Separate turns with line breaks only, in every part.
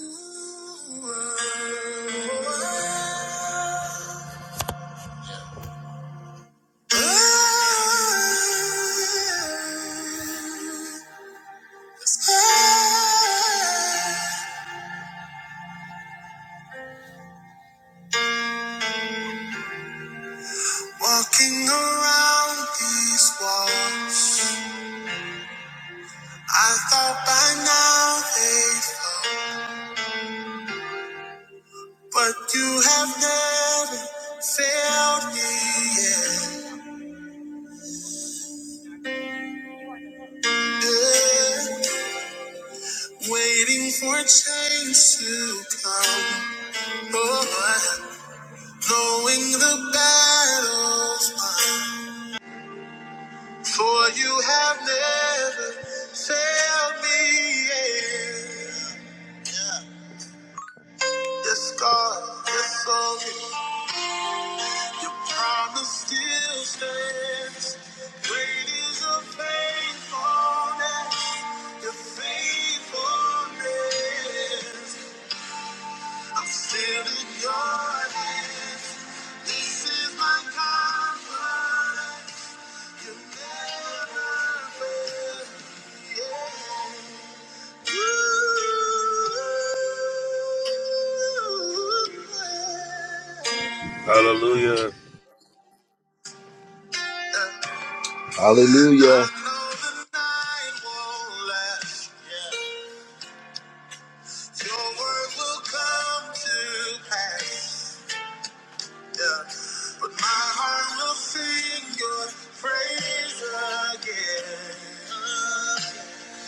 Walking around these walls, I thought by now they'd fall, but you have never failed me yet. Yeah. Waiting for change to come. Lord. Knowing the battles won, for you have never failed me yet. Yes, God, yes, your soul, your promise still stands. Great is your faithfulness, your faithfulness. I'm still in your hands. This is my confidence.
Hallelujah.
Hallelujah. Your word will come to pass. But my heart will sing your praise again.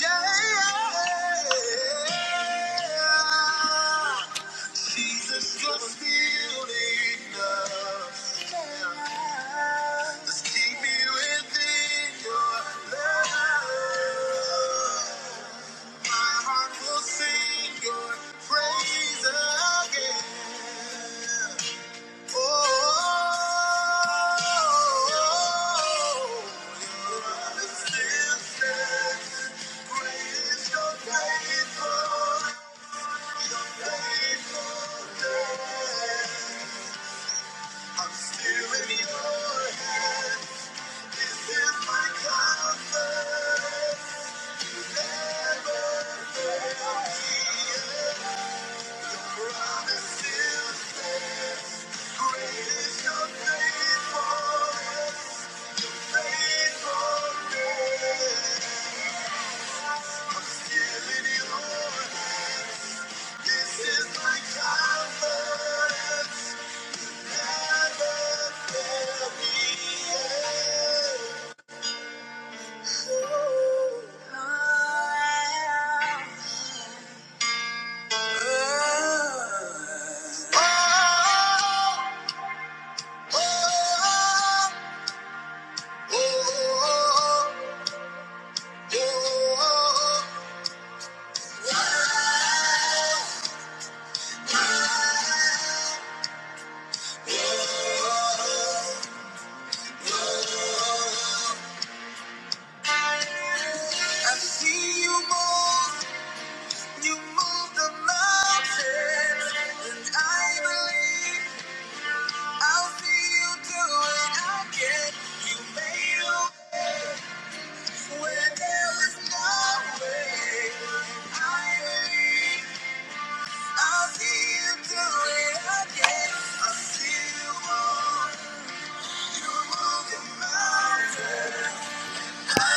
Yeah, Jesus, you're still enough. Just keep me within your love. My heart will sing your praise again. I'm still in your hands. This is my confidence. never fail Your promise still stands. Great is your faithfulness. Oh I see you move, you move the mountains, and I believe I'll see you do it again. You made a where there was no way. I believe I'll see you do it again. I see you move, you move the mountains. Yeah.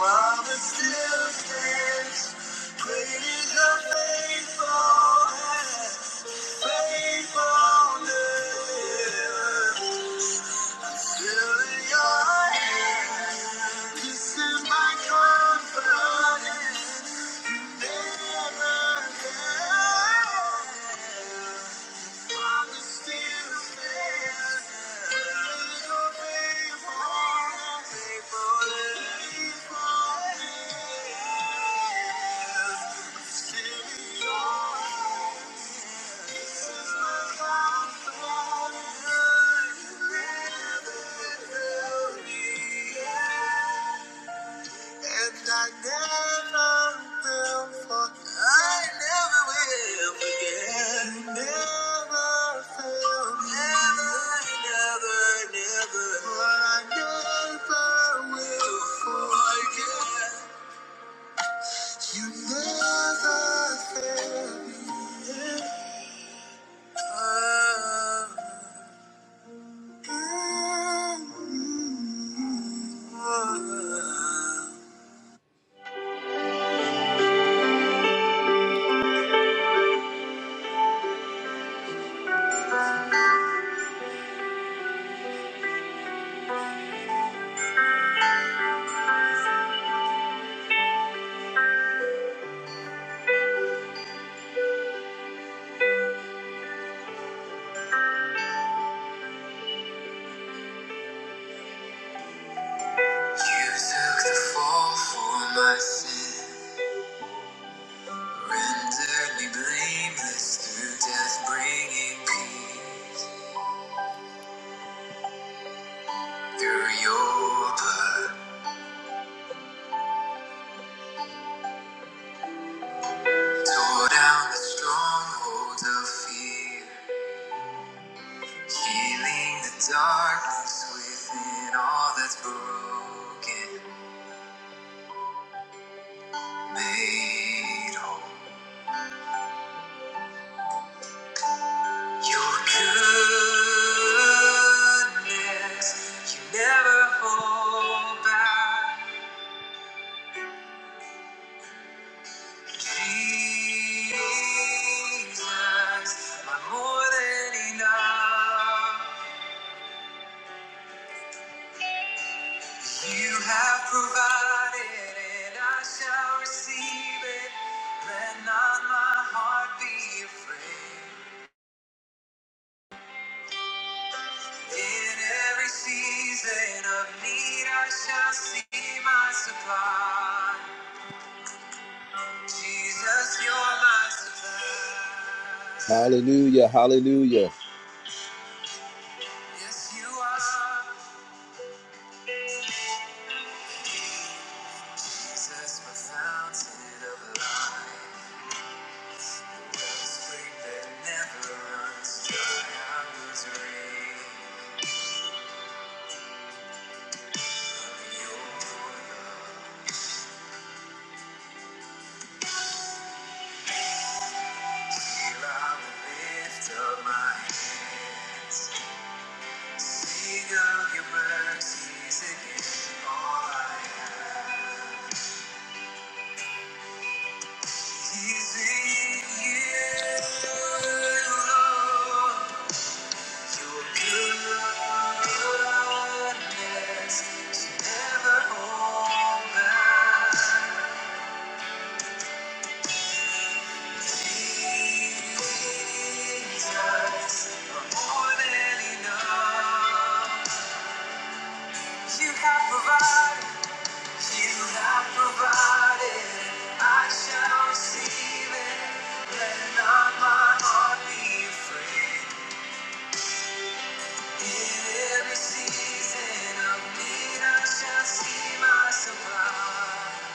Promise still stands. Great the faithful, faithfulness. Yeah. You never fail me. Ah. You took the fall for my sin, rendered me blameless through death, bringing peace. Through your blood, tore down the strongholds of fear, healing the darkness within. All that's broken, made whole. Your goodness, you never hold back. Jesus, my more than enough. You have provided, and I shall receive it. Let not my heart be afraid. In every season of need, I shall see my supply. Jesus, you're my supply. Hallelujah, hallelujah. Yes, you are. Jesus, my fountain of life. Wellspring that never runs dry. I was real of your love. Here I will lift up my hands. Sing of your mercies again. All I am. He's in you. Your goodness is never over. Jesus, you're more than enough. You have provided. You have provided, I shall receive it. Let not my heart be afraid. In every season of need, I shall see my supply.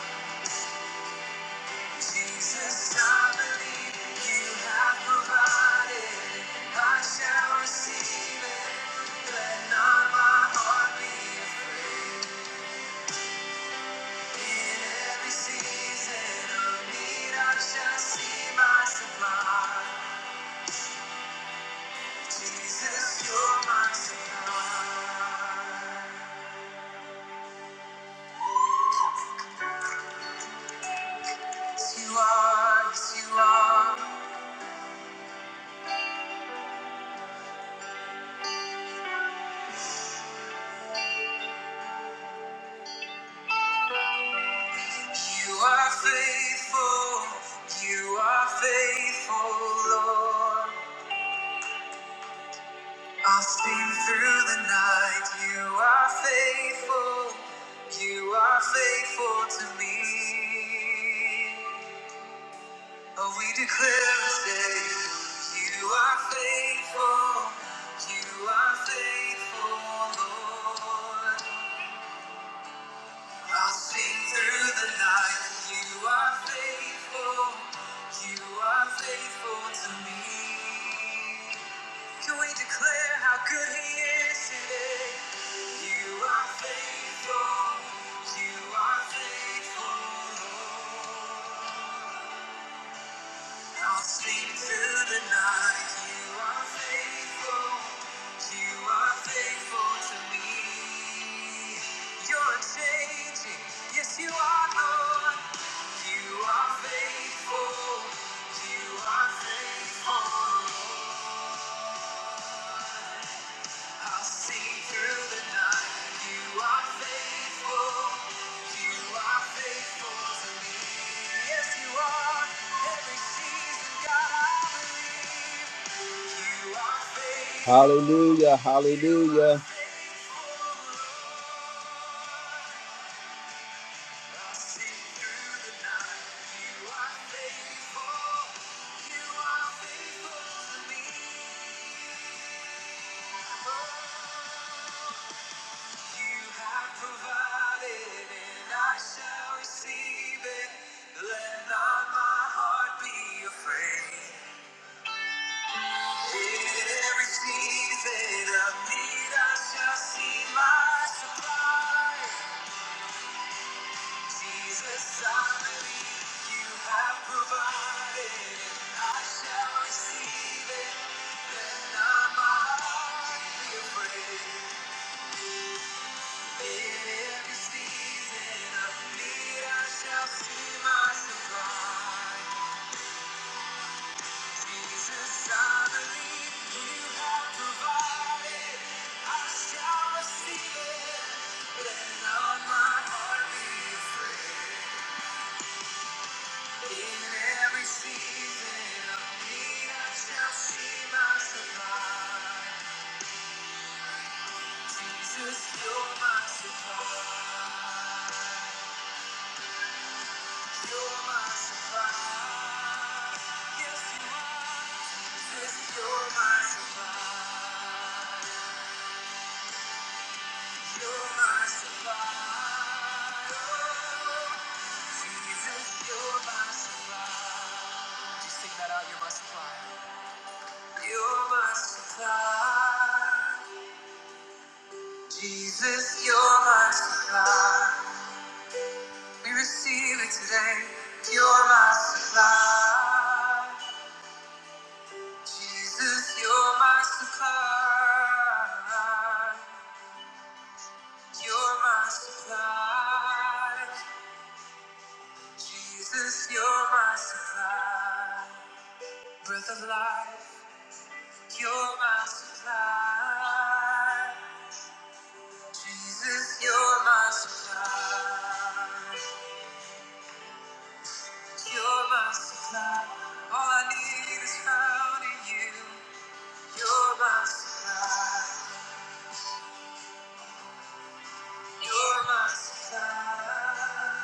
Jesus, I believe you have provided, I shall receive it. Let not my heart be afraid. I'll sing through the night. You are faithful. You are faithful to me. Oh, we declare today, you are faithful, you are faithful, Lord. I'll sing through the night, you are faithful, you are faithful to me. Can we declare how good he is today? You are faithful, you are faithful, Lord. I'll sleep through the night. You are faithful. You are faithful to me. You're changing. Yes, you are, Lord. You are faithful. You are faithful. Yes, Hallelujah, hallelujah. You have provided, and I shall receive it. Let not my heart be afraid. In every season of need, I shall see my supply. Jesus, I believe you have provided, and I shall receive it. Let not my heart be afraid. Every season of need, I shall see my supply. Jesus, I believe you have provided. I shall receive it. Let not my heart be afraid. In every season of need, I shall see my supply. Jesus, you're my supply. Jesus, you're my supply. We receive it today. You're my supply. Jesus, you're my supply. You're my supply. Jesus, you're my supply. Breath of life, you're my supply. Jesus, you're my supply. You're my supply. All I need is found in you. You're my supply. You're my supply.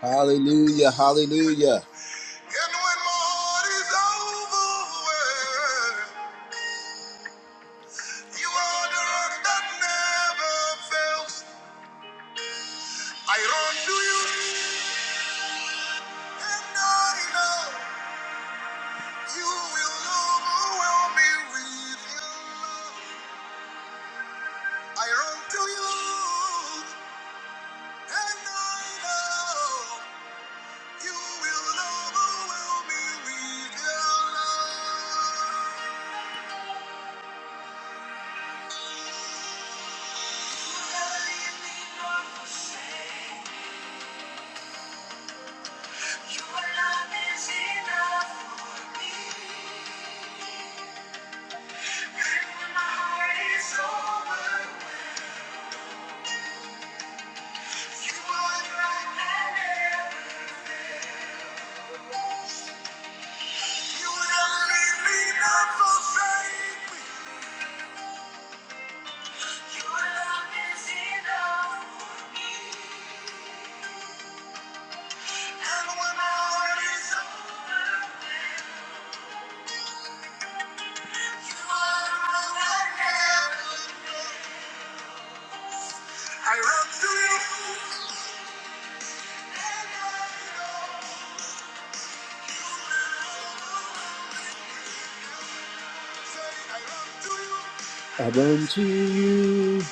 Hallelujah, hallelujah. I run to you.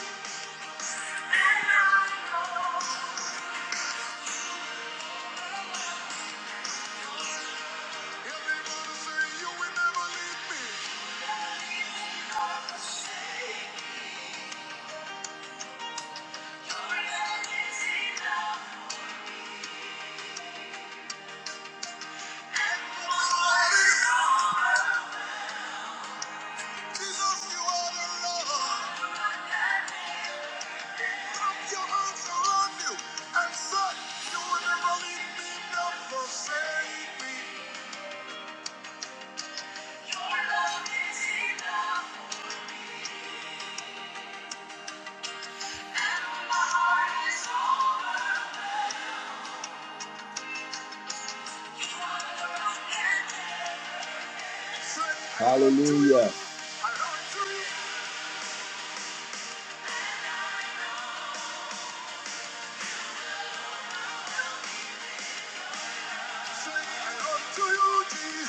Hallelujah.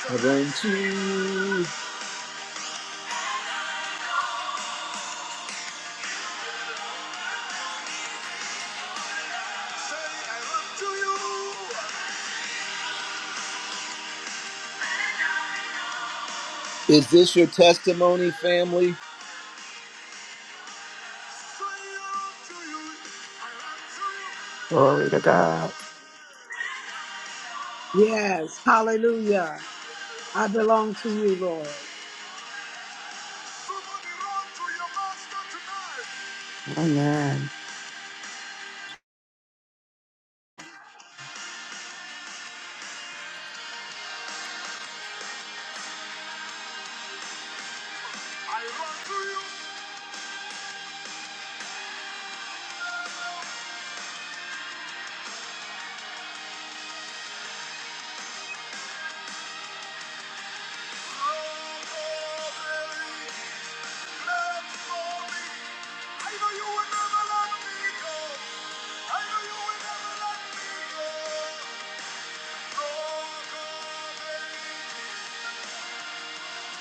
Heaven to you. Is this your testimony, family?
Glory to God.
Yes. Hallelujah. I belong to you, Lord.
Amen.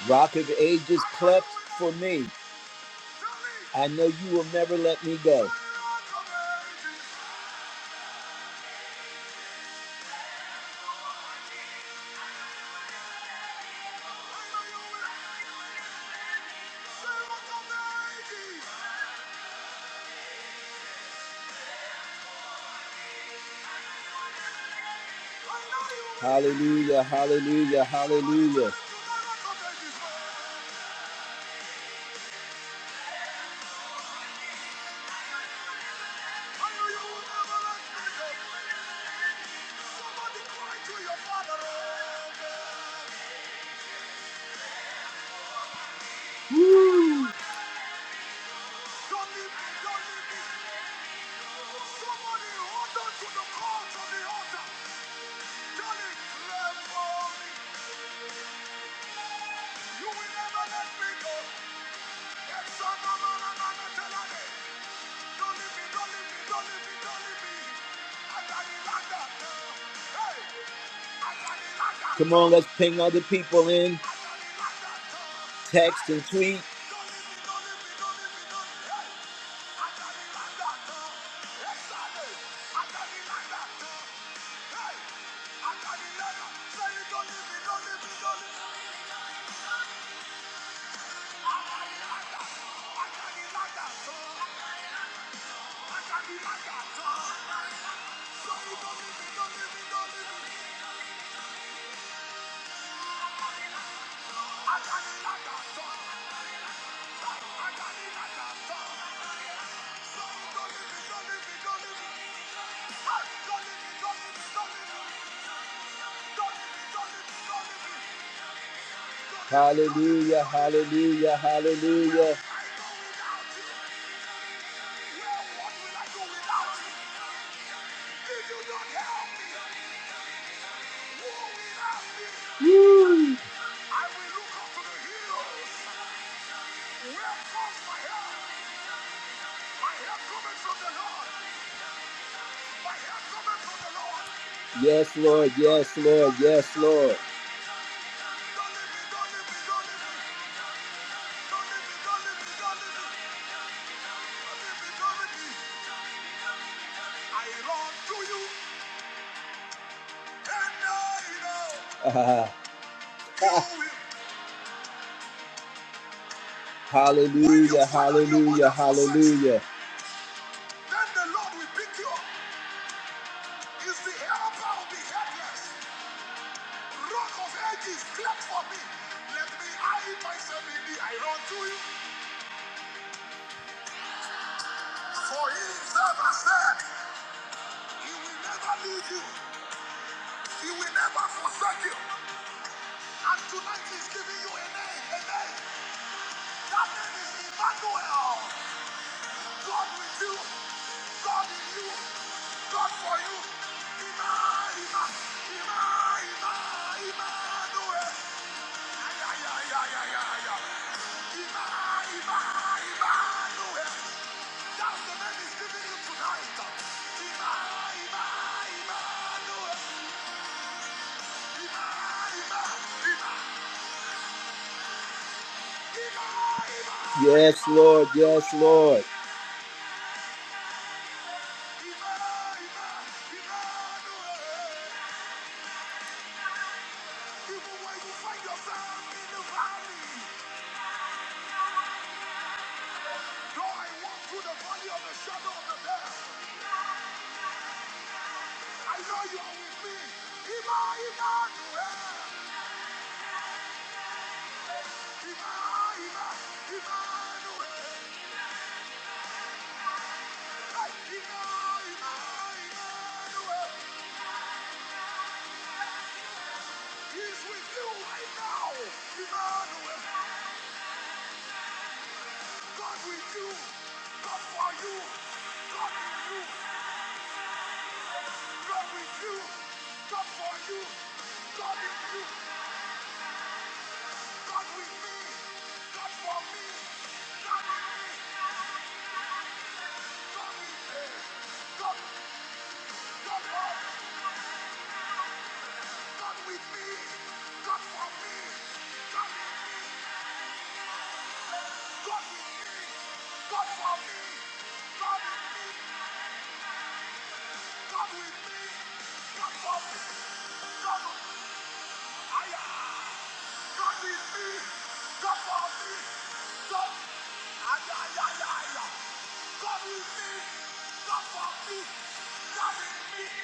Rock of Ages clept for me. I know you will never let me go. Hallelujah, hallelujah, hallelujah. Come on, let's ping other people in, text and tweet. Hallelujah, hallelujah, hallelujah. Yes, Lord, yes, Lord, yes, Lord. Ah, hallelujah, hallelujah, hallelujah. Yes, Lord, yes, Lord.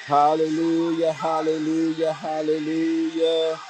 Hallelujah, hallelujah, hallelujah.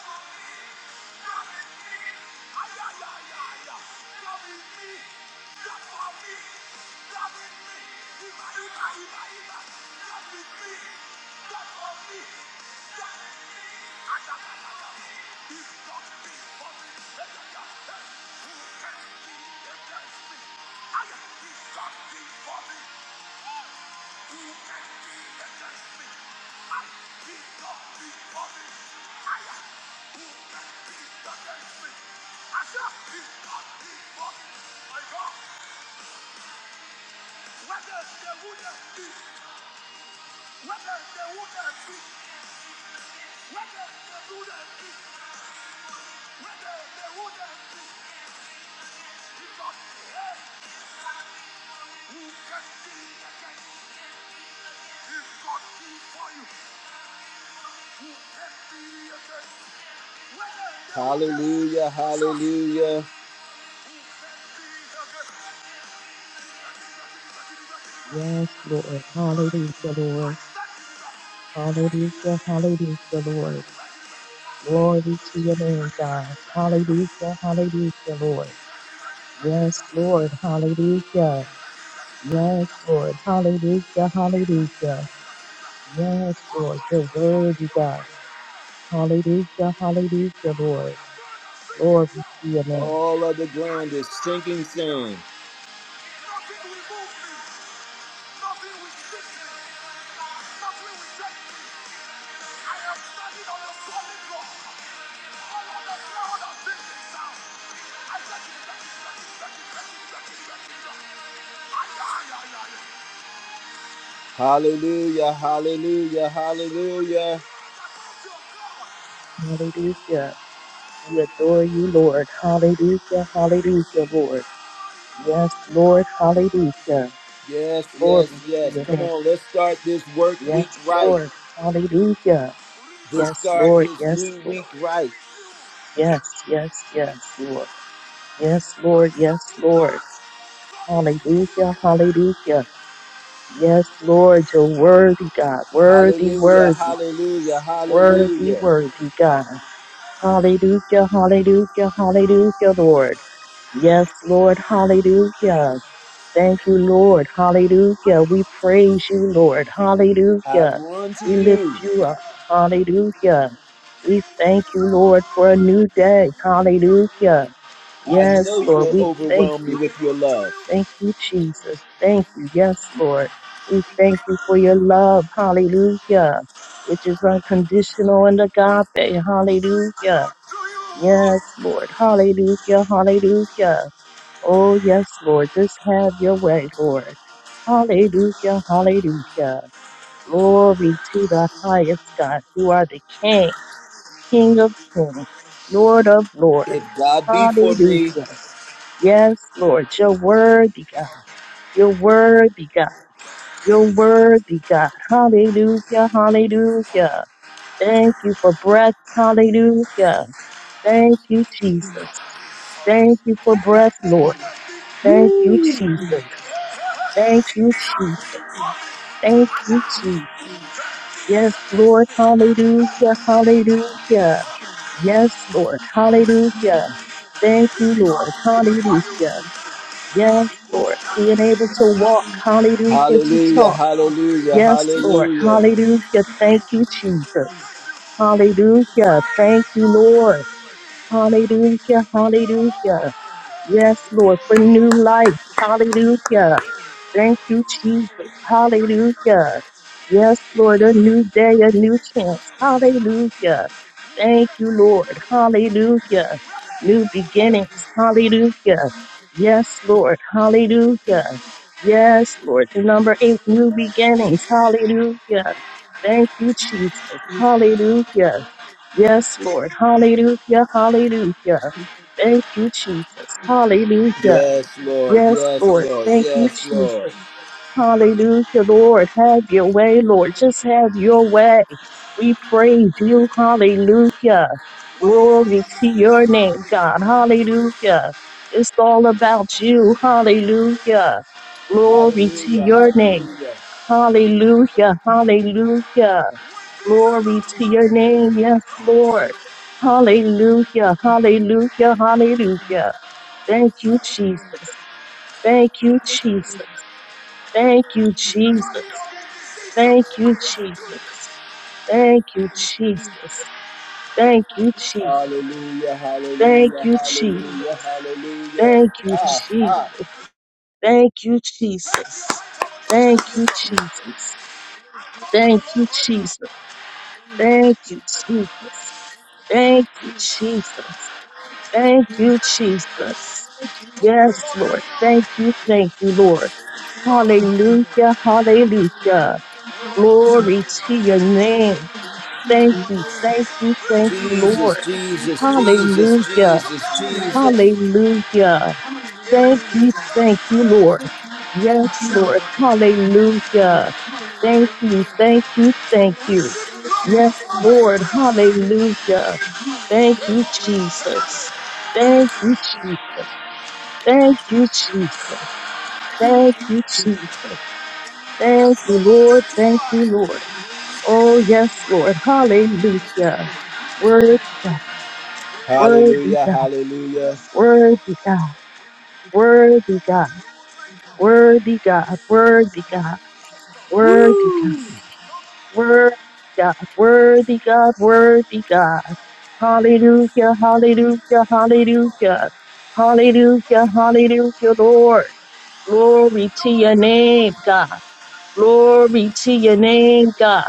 Hallelujah, hallelujah.
Yes, Lord. Hallelujah, Lord. Hallelujah, hallelujah, Lord. Glory to your name, God. Hallelujah, hallelujah, Lord. Yes, Lord. Hallelujah. Yes, Lord. Hallelujah, hallelujah. Yes, Lord. You're worthy, God. Hallelujah, hallelujah, Lord. Glory to your name.
All of the ground is sinking sand. Hallelujah, hallelujah, hallelujah.
Hallelujah. We adore you, Lord. Hallelujah, hallelujah, Lord. Yes, Lord. Hallelujah.
Yes, yes,
Glory to
yes.
your
Come
name.
on, let's start this work week
Yes,
right.
Lord. Hallelujah.
Let's
Yes,
start
Lord.
this
Yes,
new week
Lord.
right.
Yes, yes, yes, Lord. Yes, Lord. Yes, Lord. Hallelujah. Hallelujah. Yes, Lord. You're worthy, God. Worthy,
Hallelujah,
worthy.
hallelujah,
Worthy,
hallelujah.
worthy, God. Hallelujah. Hallelujah. Hallelujah, Lord. Yes, Lord. Hallelujah. Thank you, Lord. Hallelujah. We praise you, Lord.
I
Hallelujah.
run to
We
you.
lift you up. Hallelujah. We thank you, Lord, for a new day. Hallelujah.
I
Yes,
know you
Lord.
will
We thank
overwhelm me
you.
with your love.
Thank you, Jesus. Thank you. Yes, Lord. We thank you for your love. Hallelujah. Which is unconditional and agape. Hallelujah. Yes, Lord. Hallelujah. Hallelujah. Oh, yes, Lord. Just have your way, Lord. Hallelujah, hallelujah. Glory to the highest God. You are the King, King of kings, Lord of lords.
If God be for me,
Hallelujah. Yes, Lord, you're worthy, God. You're worthy, God. You're worthy, God. Hallelujah, hallelujah. Thank you for breath. Hallelujah. Thank you, Jesus. Thank you for breath, Lord. Thank you, Jesus. Thank you, Jesus. Thank you, Jesus. Yes, Lord. Hallelujah. Hallelujah. Yes, Lord. Hallelujah. Thank you, Lord. Hallelujah. Yes, Lord. Being able to walk. Hallelujah. To
hallelujah,
talk.
hallelujah,
Yes, Lord.
hallelujah.
Hallelujah. Thank you, Jesus. Hallelujah. Thank you, Lord. Hallelujah. Hallelujah. Yes, Lord. For new life. Hallelujah. Thank you, Jesus. Hallelujah. Yes, Lord, a new day, a new chance. Hallelujah. Thank you, Lord. Hallelujah. New beginnings. Hallelujah. Yes, Lord. Hallelujah. Yes, Lord. Number eight, new beginnings. Hallelujah. Thank you, Jesus. Hallelujah. Yes, Lord. Hallelujah. Hallelujah. Thank you, Jesus. Hallelujah.
Yes, Lord,
Yes,
yes,
Lord.
Lord,
Thank you,
yes, Lord.
Jesus. Hallelujah, Lord. Have your way, Lord. Just have your way. We praise you. Hallelujah. Glory to your name, God. Hallelujah. It's all about you. Hallelujah. Glory to
Hallelujah,
your name.
hallelujah.
Hallelujah. Hallelujah. Glory to your name. Yes, Lord. Hallelujah. Hallelujah. Hallelujah. Thank you, Jesus. Thank you, Jesus. Thank you, Jesus. Thank you, Jesus. Thank you, Jesus. Thank you, Jesus.
Hallelujah,
Thank
hallelujah,
you, Jesus.
hallelujah, hallelujah.
Thank you,
Ah, ah.
Jesus. Thank you, Jesus. Thank you, Jesus. Thank you, Jesus. Thank you, Jesus. Thank you, Jesus. Thank you, Jesus. Yes, Lord. Thank you, thank you, Lord. Hallelujah, hallelujah. Glory to your name. Thank you, thank you, thank you,
Jesus,
Lord.
Jesus, Jesus,
Hallelujah,
Jesus, Jesus.
hallelujah. Thank you, thank you, Lord. Yes, Lord, hallelujah. Thank you, thank you, thank you. Yes, Lord, hallelujah. Thank you, Jesus. Thank you, Jesus. Thank you, Jesus. Thank you, Jesus. Thank you, Lord. Thank you, Lord. Oh, yes, Lord. Hallelujah. Word, God. Word,
Hallelujah. Hallelujah,
Worthy God, worthy God, worthy God, worthy God, worthy God,
Woo.
worthy God, worthy God, worthy God. Hallelujah, hallelujah, hallelujah. Hallelujah, hallelujah, Lord. Glory to your name, God. Glory to your name, God.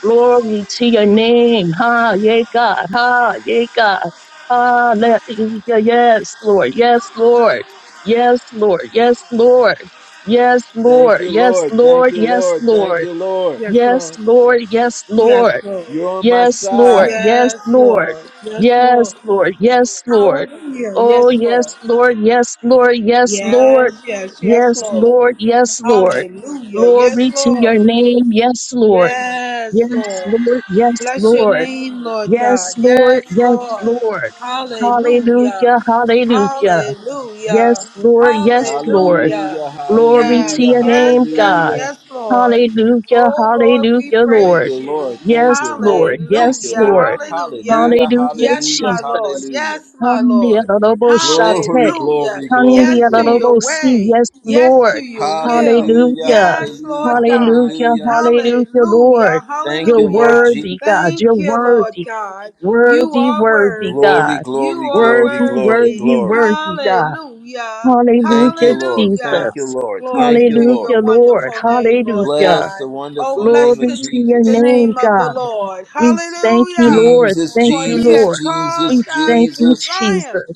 Glory to your name. Ha, yea, God. Ha, yea, God. Hallelujah. Yes, Lord. Yes, Lord. Yes, Lord. Yes, Lord. Yes,
Thank
Lord.
you,
Yes,
Lord. Thank
Lord.
you,
Yes,
Lord. Thank
Lord.
you, Lord.
Yes,
Yes,
Lord.
Lord.
Yes, Lord.
You're on my
Yes, Lord.
side.
Yes,
Yes,
Lord.
Lord. Yes,
Yes, Lord. Yes,
Lord.
Lord. Yes, Lord.
Hallelujah.
Oh,
Yes, Lord.
yes, Lord. Yes, Lord. Yes, Lord.
Yes, yes, yes,
Yes,
Lord.
Lord. Yes, Lord.
Hallelujah. Yes,
Glory to
Lord.
your name. Yes, Lord.
Yes,
Yes,
Lord.
Lord. Yes,
Bless your
Lord.
name, Lord God.
Yes, Lord.
Yes,
Yes,
Lord.
Lord.
Hallelujah.
Hallelujah. Hallelujah.
Hallelujah.
Yes, Lord. Yes, Lord.
Hallelujah.
Hallelujah,
Glory to
Yes,
hallelujah,
your name,
yes, yes,
God.
hallelujah.
yes, Lord.
Hallelujah,
Oh, Lord, we
hallelujah,
Thank
Lord.
you,
praise you.
Lord.
Yes,
Thank you, Lord.
Lord,
Thank
yes,
you,
Hallelujah.
Lord.
Lord.
Hallelujah.
Hallelujah,
Hallelujah,
Yes,
hallelujah,
my Lord.
Jesus.
hallelujah.
Yes, my
Hallelujah,
Lord.
Glory,
Hallelujah.
glory, glory,
Yes to
glory.
your
Hallelujah,
way.
yes,
Yes to
Lord.
your will.
Hallelujah,
Hallelujah,
Yes, Lord
hallelujah,
God.
hallelujah,
hallelujah.
hallelujah,
Hallelujah.
Lord.
Thank you,
You're
Lord
Hallelujah.
Jesus.
worthy, God. You're
Thank you, Lord
worthy,
God. You
worthy,
are
worthy,
worthy.
Glory,
God.
You
glory,
are
Worthy,
glory, glory,
worthy.
worthy,
glory.
worthy, God.
Hallelujah.
Thank you,
Hallelujah,
Lord. Thank
Hallelujah.
you,
Jesus.
Lord.
Glory
Thank you,
to
Lord.
your
Hallelujah, Lord.
wonderful name, Lord
Hallelujah.
Bless the
God. Oh,
wonderful
bless
name of
Glory
the,
to your
the
Jesus.
name,
name of the
God.
Lord.
We thank you,
Hallelujah.
Lord.
Jesus,
Thank
For
you,
he
Jesus,
has
Lord. We
Jesus,
caused us
thank
to
you,
Jesus.
triumph.
Jesus.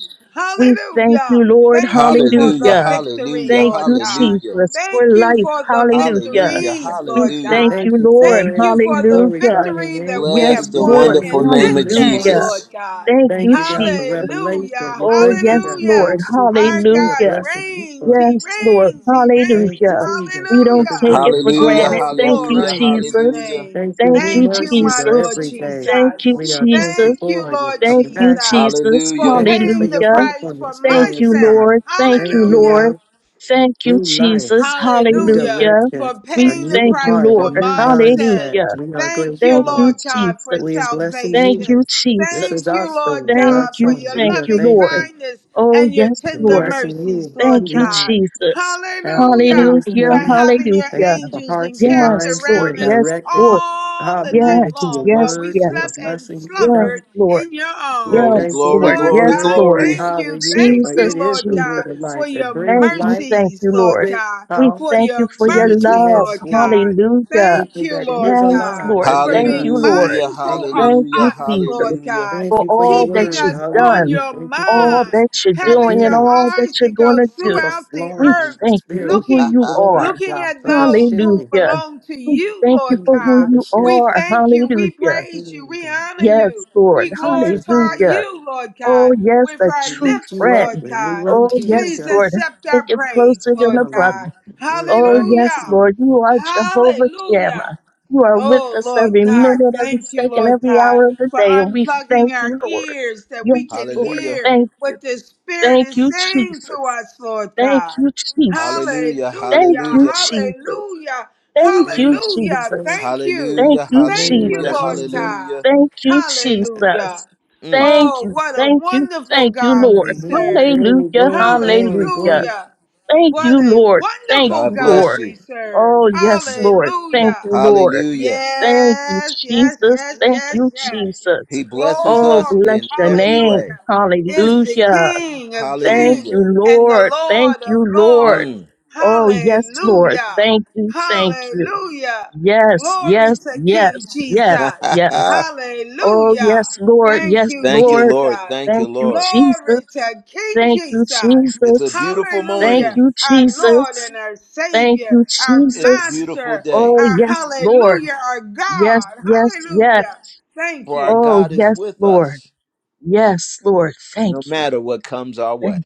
We thank you,
Hallelujah.
Lord.
Thank you for
Hallelujah,
the
Hallelujah.
victory,
hallelujah,
Thank
Lord
you,
God.
hallelujah,
Jesus, for
Thank you
life.
for the
Hallelujah.
hallelujah,
victories,
We
Lord
We
hallelujah.
thank
God.
you,
thank you
Lord.
for
Thank
it.
you
We
for the
Hallelujah.
glorify your
victory that
name.
we
Yes,
We
Bless
have
be
the
won
Lord.
one
wonderful
in
with
name
you
this
of
this
day,
Hallelujah.
morning.
Lord
Jesus.
God.
Thank you,
Thank you, God, for
Jesus.
revelation.
Hallelujah.
We
Oh,
thank you,
yes,
God, for
Lord.
Hallelujah.
those
Our
secrets. We are
God
Hallelujah.
blessing you
reigns.
for it.
He
Yes, Lord.
reigns. He
We Thank
reigns.
you,
Hallelujah.
Jesus,
We
for
don't
the
take
Hallelujah.
it for
goodness, your
Hallelujah,
granted.
Oh,
mercy, your
Thank you,
hallelujah,
glory to
kindness.
your
Jesus.
hallelujah,
name.
Thank you,
Thank
new
you,
Thank you,
mercies
my
are
Jesus.
Lord
every day.
Thank
Jesus.
you,
We are thankful
Jesus.
Thank you,
for your
Lord
Thank you,
Jesus,
compassion.
Jesus.
for
hallelujah.
Thank you for
paying the
your
Hallelujah.
price for
faithfulness,
my
fail
Thank you,
us
sin.
not.
Lord. Thank
Thank
you,
you,
Hallelujah
Lord.
Lord.
Thank you,
New life
Jesus.
new
hallelujah,
Hallelujah.
direction,
for
We
a
paying the
new
thank you,
price
heart, a
for
Lord.
new
my sin.
mindset.
Hallelujah.
We are
Thank
grateful,
you,
Thank you,
Lord
Lord.
God, for
We are
Jesus.
blessing
Thank
you.
you,
salvation.
Lord. This
Jesus.
Thank
is our
you, Lord
story,
Thank
our
God, for
you,
song.
your
We
thank
are
you,
loving
Lord.
thankful
kindness
Oh,
and your
yes,
and
tender
Lord.
blessing
mercies,
you.
Lord
Thank
You,
you,
Lord,
God.
Jesus.
have our
Hallelujah,
latest
Hallelujah,
for
wellness.
having your
Thank
hallelujah.
you for
angels
hearts and
encamped
Yes,
minds
Lord.
being
around us
Yes,
directed.
Lord.
all the night
Hallelujah
Yes,
to your
long while
yes,
we
word. We
yes.
are
slept and
blessing you,
Yes,
slumbered
God.
Lord.
in your
We are
Glory,
arms.
Yes,
thankful for
glory,
Lord.
your
Lord
Yes,
glory,
God,
word.
Lord.
glory.
thank you,
Hallelujah,
thank
for
Jesus,
it
you,
is
Lord
the
God,
word of
Jesus.
for
life that
your
brings
Thank you,
life,
thank
mercies,
you,
Lord
Lord.
quick,
God
We
for
powerful,
thank you
your
for
any
your
mercy,
two-head
love.
Lord
sword.
God.
Hallelujah.
Thank
Thank
you
you,
that it
Lord
is
Yes,
alive
God,
Lord.
for
within
Thank
being
you,
us.
Lord.
Hallelujah,
Thank
mindful of
you.
Thank
hallelujah,
you,
us, Lord
Jesus,
hallelujah.
God,
for
Thank you for your
all that
keeping
word.
you've
us on
done,
Hallelujah.
your
Thank you for
all
mind,
the
that you're
having
doing, and
your
all
obedience,
that
eyes
you're
to
going
go
to do.
for
throughout the
We
flowing in
earth,
the
thank you for
spirit.
who
Ah,
looking
you
Glory
are.
to
looking
God,
at
for the
those who
shifting.
Hallelujah.
belong to
We
you,
thank you
Lord
Thank
for
you
who
for
God.
the
you
shift.
We
are.
thank you, we
Hallelujah.
Thank
praise you,
you,
we
God.
honor you,
Yes, Lord.
we
In Jesus'
glorify
name,
Hallelujah.
you, Lord
Oh,
God,
yes,
with
a
our
we
true
lift
lips,
you up
Lord
friend.
and we
God.
run
Oh,
to you,
yes,
Please
God.
Lord.
accept
Stick
our
it
praise,
closer than
Lord
a brother.
Hallelujah.
God.
We're
Oh,
running to
yes,
Hallelujah.
you.
Lord, you are Jehovah Shammah.
Hallelujah.
You are with
Oh,
us
Lord
every
God,
minute, every
thank you,
second,
Lord
every
God,
hour of the
for
day, and we
unplugging
thank you,
our
Lord.
ears that we
Yes,
can
Lord,
hallelujah,
hear
thank you.
what the Spirit
Thank
is
you,
saying to
Jesus.
us, Lord
Thank
God.
you, Jesus.
Hallelujah.
hallelujah,
Thank you,
hallelujah,
Jesus.
Hallelujah.
Thank
In the name
you,
of
Hallelujah.
Jesus.
Jesus.
Thank you.
Thank
hallelujah,
In the
you,
Thank
name
you,
of
hallelujah,
Lord
Jesus.
Jesus.
God.
hallelujah.
Thank you,
Hallelujah.
Jesus.
Mm,
Thank
Oh,
you,
what a
thank you,
wonderful
thank you,
God we
Lord.
Hallelujah.
serve.
Glory,
Hallelujah,
glory, glory,
hallelujah.
glory.
Hallelujah.
Thank
What
you,
a
Lord. Thank
wonderful
God
you,
God
Lord.
bless
we
you.
serve.
Oh, yes, Lord. Thank
Hallelujah.
you, Lord.
Hallelujah.
Thank you,
Yes, yes,
Jesus.
yes,
Thank
yes,
you,
yes.
Jesus.
He blesses
Oh,
us
Glory,
bless
in
your
every
name.
hallelujah,
way.
is the
Hallelujah.
King of
Thank
kings
you,
Hallelujah.
and the
Lord. Thank
Lord
you,
of
Lord.
lords.
Mm.
Oh, yes, Lord.
Hallelujah,
Thank you. Thank you.
hallelujah.
Yes,
Glory
yes,
to
yes,
King
yes,
Jesus.
yes. Oh, yes,
Hallelujah.
Lord.
Thank
Yes,
you,
Thank you,
Lord.
Lord.
Jesus.
Thank you,
Thank you,
Lord.
Jesus.
Glory to King
Thank you,
Jesus.
It's a
Jesus.
beautiful
Thank
morning.
Hallelujah.
you,
Our
Jesus.
Lord and our
Thank
Savior,
you,
our
It's a
Jesus.
beautiful
Master.
day.
Oh,
Our
yes, Lord.
hallelujah, our
Yes,
God.
yes, yes.
Hallelujah. Thank
For our
you.
Oh,
God is
yes,
with
Lord.
us
Yes, Lord.
no
Thank you.
matter what comes our
Thank
way.
you.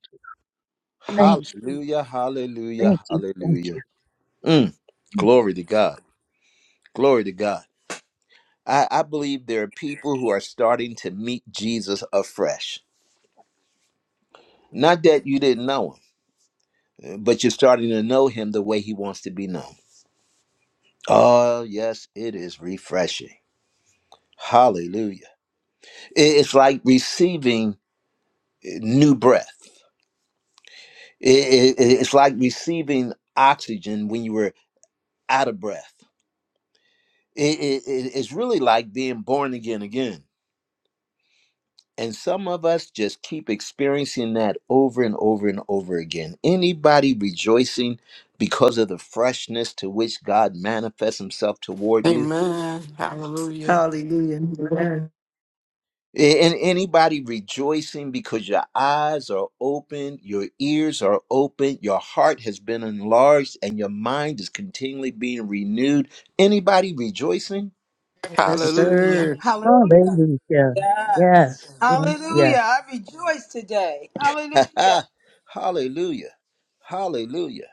Thank
Mm.
you.
Hallelujah,
Thank
hallelujah,
you.
hallelujah. Mm, glory to God. Glory to God. I, I believe there are people who are starting to meet Jesus afresh. Not that you didn't know him, eh, but you're starting to know him the way he wants to be known. Oh, yes, it is refreshing. Hallelujah. It- It's like receiving eh, new breath. It- it- It's like receiving oxygen when you were out of breath. It- it- it- It's really like being born again again And some of us just keep experiencing that over and over and over again. Anybody rejoicing because of the freshness to which God manifests himself toward you?
Amen. Hallelujah.
Hallelujah.
A- And anybody rejoicing because your eyes are open, your ears are open, your heart has been enlarged, and your mind is continually being renewed? Anybody rejoicing?
Thank
Yes,
you.
Hallelujah.
sir.
Hallelujah.
Hallelujah. Yes,
Yes.
yes,
Hallelujah. I rejoice today. Hallelujah.
Hallelujah. Hallelujah.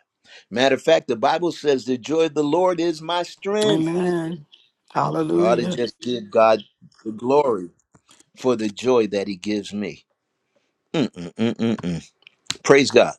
Matter of fact, the Bible says the joy of the Lord is my strength.
Amen.
I ought to
Hallelujah.
just give God the glory for the joy that He gives me. Mm-mm-mm-mm-mm. Praise God.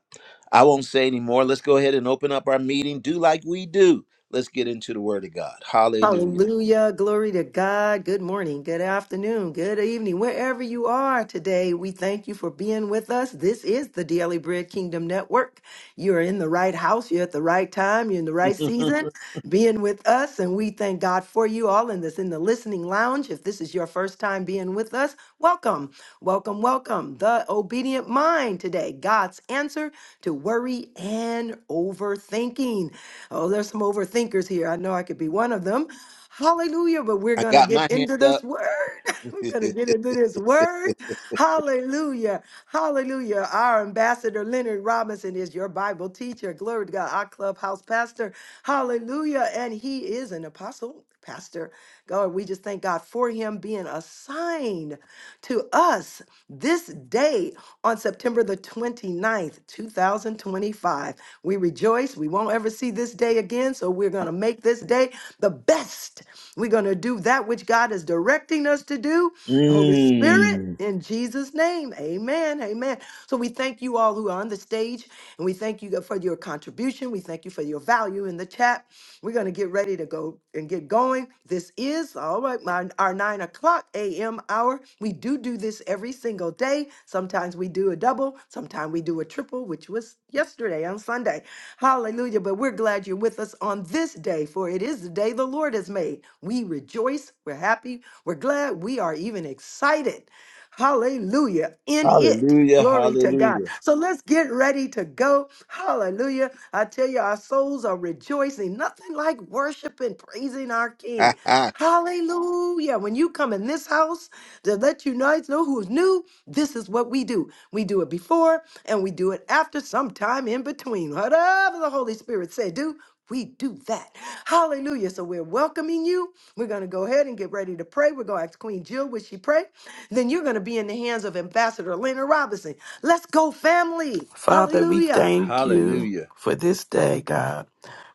I won't say any more. Let's go ahead and open up our meeting. Do like we do. Let's get into the Word of God. Hallelujah.
Hallelujah. Glory to God. Good morning, good afternoon, good evening, wherever you are today. We thank you for being with us. This is the Daily Bread Kingdom Network. You're in the right house, you're at the right time, you're in the right
I
season being with us. And we thank God for you all in this in the listening lounge. If this is your first time being with us, welcome, welcome, welcome. The obedient mind today, God's answer to worry and overthinking. Oh, there's some overthinkers here. I know I could be one of them. Hallelujah. But we're going to
got
get
my hand
into
up.
this word. We're going to get into this word. Hallelujah. Hallelujah. Our ambassador, Leonard Robinson, is your Bible teacher. Glory to God, our clubhouse pastor. Hallelujah. And he is an apostle, pastor. God, we just thank God for him being assigned to us this day on September the twenty ninth, 2025. We rejoice. We won't ever see this day again. So we're going to make this day the best. We're going to do that which God is directing us to do. And Holy Spirit,
Mm.
in Jesus' name, amen, amen. So we thank you all who are on the stage, and we thank you for your contribution. We thank you for your value in the chat. We're going to get ready to go and get going. This is all right, my, our nine o'clock a.m. hour. We do do this every single day. Sometimes we do a double, sometimes we do a triple, which was yesterday on Sunday. Hallelujah. But we're glad you're with us on this day, for it is the day the Lord has made. We rejoice. We're happy. We're glad. We are even excited. Hallelujah. In it.
Hallelujah.
Glory to God.
Hallelujah.
So let's get ready to go. Hallelujah. I tell you, our souls are rejoicing. Nothing like worshiping, praising our King. Hallelujah. When you come in this house to let you guys know who's new, this is what we do. We do it before, and we do it after some time in between. Whatever the Holy Spirit say do, we do that. Hallelujah. So we're welcoming you. We're going to go ahead and get ready to pray. We're going to ask Queen Jill, would she pray? Then you're going to be in the hands of Ambassador Leonard Robinson. Let's go, family.
Father, we
Hallelujah.
thank you
hallelujah.
for this day, God.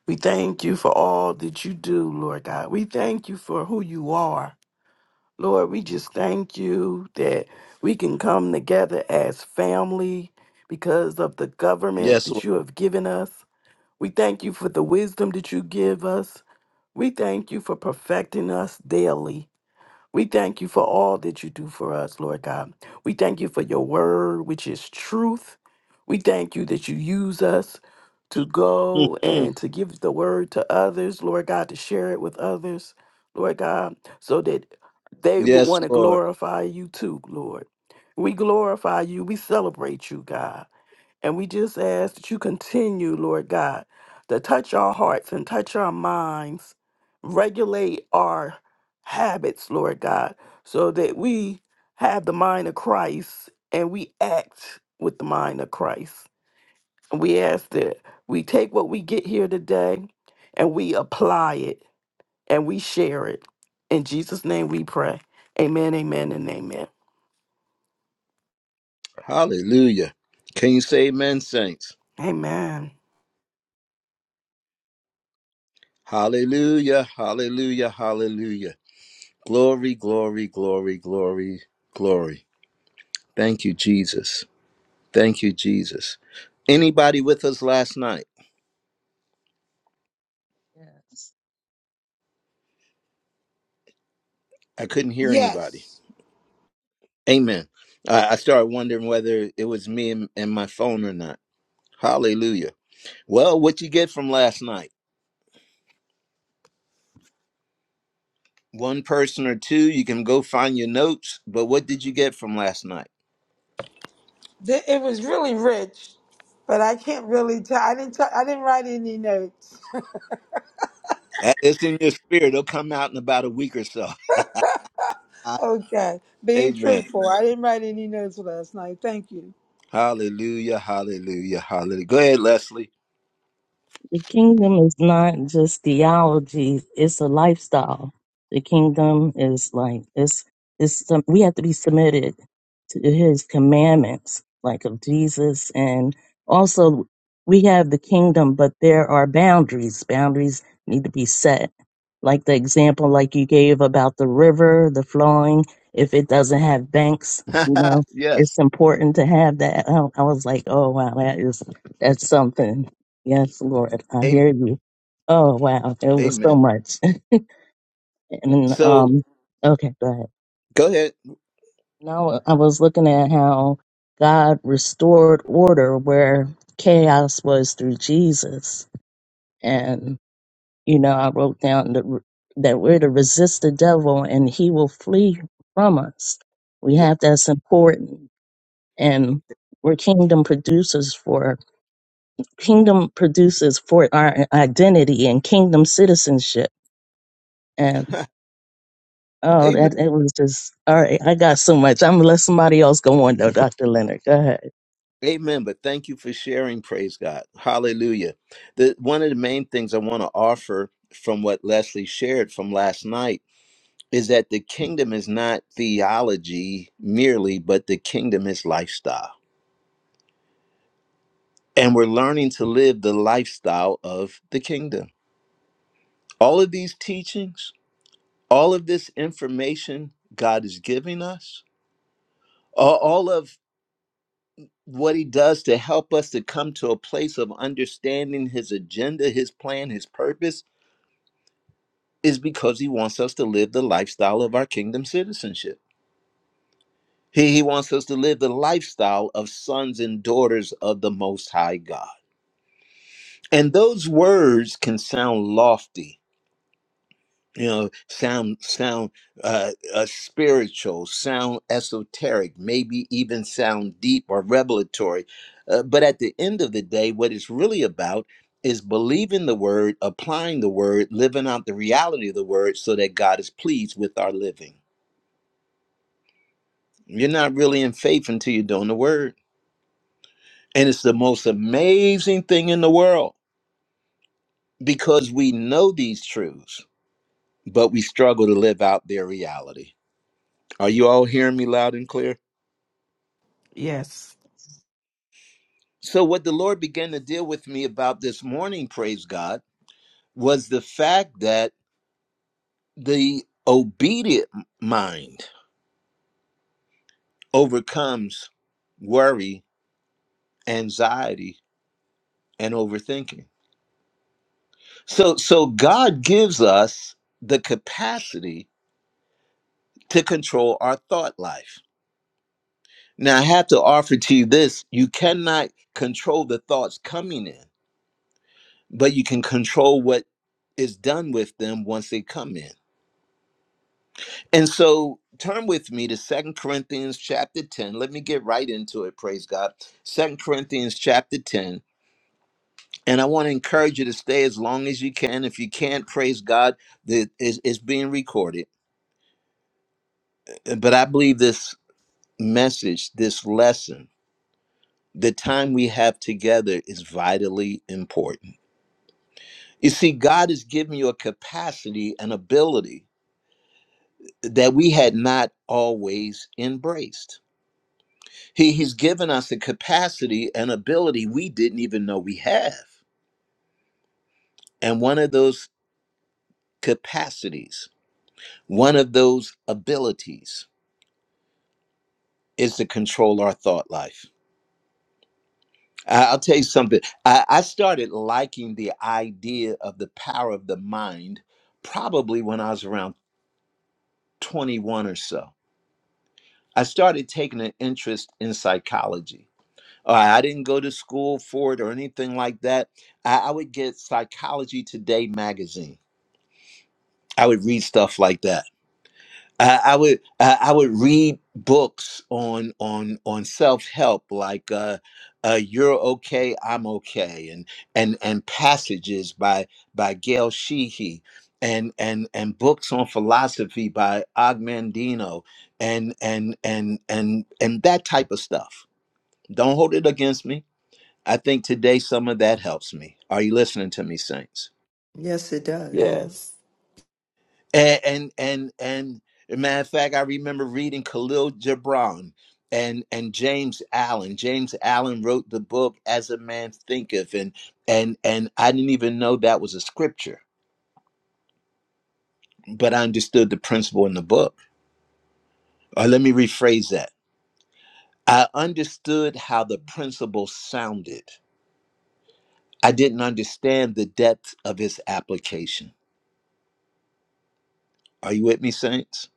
We thank you for all that you do, Lord God. We thank you for who you are. Lord, we just thank you that we can come together as family because of the government
Yes,
that
Lord.
you have given us. We thank you for the wisdom that you give us. We thank you for perfecting us daily. We thank you for all that you do for us, Lord God. We thank you for your word, which is truth. We thank you that you use us to go
Mhm.
and to give the word to others, Lord God, to share it with others, Lord God, so that they would
yes,
want to
Lord.
glorify you too, Lord. We glorify you. We celebrate you, God. And we just ask that you continue, Lord God, to touch our hearts and touch our minds, regulate our habits, Lord God, so that we have the mind of Christ and we act with the mind of Christ. And we ask that we take what we get here today and we apply it and we share it. In Jesus' name we pray. Amen, amen, and amen.
Hallelujah. Can you say amen, saints?
Amen.
Hallelujah. Hallelujah. Hallelujah. Glory, glory, glory, glory, glory. Thank you, Jesus. Thank you, Jesus. Anybody with us last night?
yes.
I couldn't hear anybody.
Yes.
Amen. I, I started wondering whether it was me and, and my phone or not. Hallelujah. Well, what you get from last night? One person or two, you can go find your notes, but what did you get from last night?
Th- It was really rich, but I can't really tell. I didn't. I I didn't write any notes.
That- It's in your spirit. It'll come out in about a week or so.
okay, being
Amen.
truthful, I didn't write any notes last night. Thank you.
Hallelujah, hallelujah, hallelujah. Go ahead, Leslie.
The kingdom is not just theology, it's a lifestyle. The kingdom is like it's it's some, we have to be submitted to his commandments, like of Jesus and also we have the kingdom, but there are boundaries. Boundaries need to be set. Like the example like you gave about the river, the flowing, if it doesn't have banks, you know,
yes.
it's important to have that. I I was like, oh wow, that is that's something Yes, Lord, I
Amen.
hear you. Oh wow, there was so
Amen.
much. And
So
um, okay, go ahead.
go ahead.
Now I was looking at how God restored order where chaos was through Jesus, and you know I wrote down the, that we're to resist the devil and he will flee from us. We
Yeah.
have that's important, and we're kingdom producers for kingdom producers for our identity and kingdom citizenship. Oh,
Amen.
that it was just all right. I got so much. I'm gonna let somebody else go on though, Dr. Leonard. Go ahead.
Amen. But thank you for sharing. Praise God. Hallelujah. The one of the main things I want to offer from what Leslie shared from last night is that the kingdom is not theology merely, but the kingdom is lifestyle. And we're learning to live the lifestyle of the kingdom. All of these teachings, all of this information God is giving us, all all of what he does to help us to come to a place of understanding his agenda, his plan, his purpose is because he wants us to live the lifestyle of our kingdom citizenship. He, he wants us to live the lifestyle of sons and daughters of the Most High God. And those words can sound lofty, you know sound sound uh, uh spiritual sound esoteric maybe even sound deep or revelatory uh, but at the end of the day what it's really about is believing the word applying the word living out the reality of the word so that god is pleased with our living you're not really in faith until you're doing the word and it's the most amazing thing in the world because we know these truths but we struggle to live out their reality are you all hearing me loud and clear
Yes,
Yes.
So, what the Lord began to deal with me about this morning, praise God, was the fact that the obedient mind overcomes worry, anxiety, and overthinking. So, so God gives us the capacity to control our thought life. Now, I have to offer to you this you cannot control the thoughts coming in, but you can control what is done with them once they come in. And so turn with me to Second Corinthians chapter 10. Let me get right into it, praise God. Second Corinthians chapter 10. And I want to encourage you to stay as long as you can. If you can't, praise God, that is it's being recorded. Uh, But I believe this message, this lesson, the time we have together is vitally important. You see, God has given you a capacity and ability that we had not always embraced He, he's given us a capacity and ability we didn't even know we have. And one of those capacities, one of those abilities is to control our thought life. I- I'll tell you something. I, I started liking the idea of the power of the mind probably when I was around 21 or so. I started taking an interest in psychology. All right, I didn't go to school for it or anything like that. I, I would get Psychology Today magazine I would read stuff like that. I, I would I, I would read books on on on self help like uh, uh, "You're Okay, I'm Okay" and and and passages by by Gail Sheehy and and and books on philosophy by Og Mandino and and and and and that type of stuff. Don't hold it against me. I think today some of that helps me. Are you listening to me, Saints?
Yes, it does.
Yes.
and and and, and a matter of fact, I remember reading Khalil Gibran and and James Allen. James Allen wrote the book "As a Man Thinketh," and and and I didn't even know that was a scripture, but I understood the principle in the book. Or let me rephrase that: I understood how the principle sounded. I didn't understand the depth of its application. Are you with me, saints?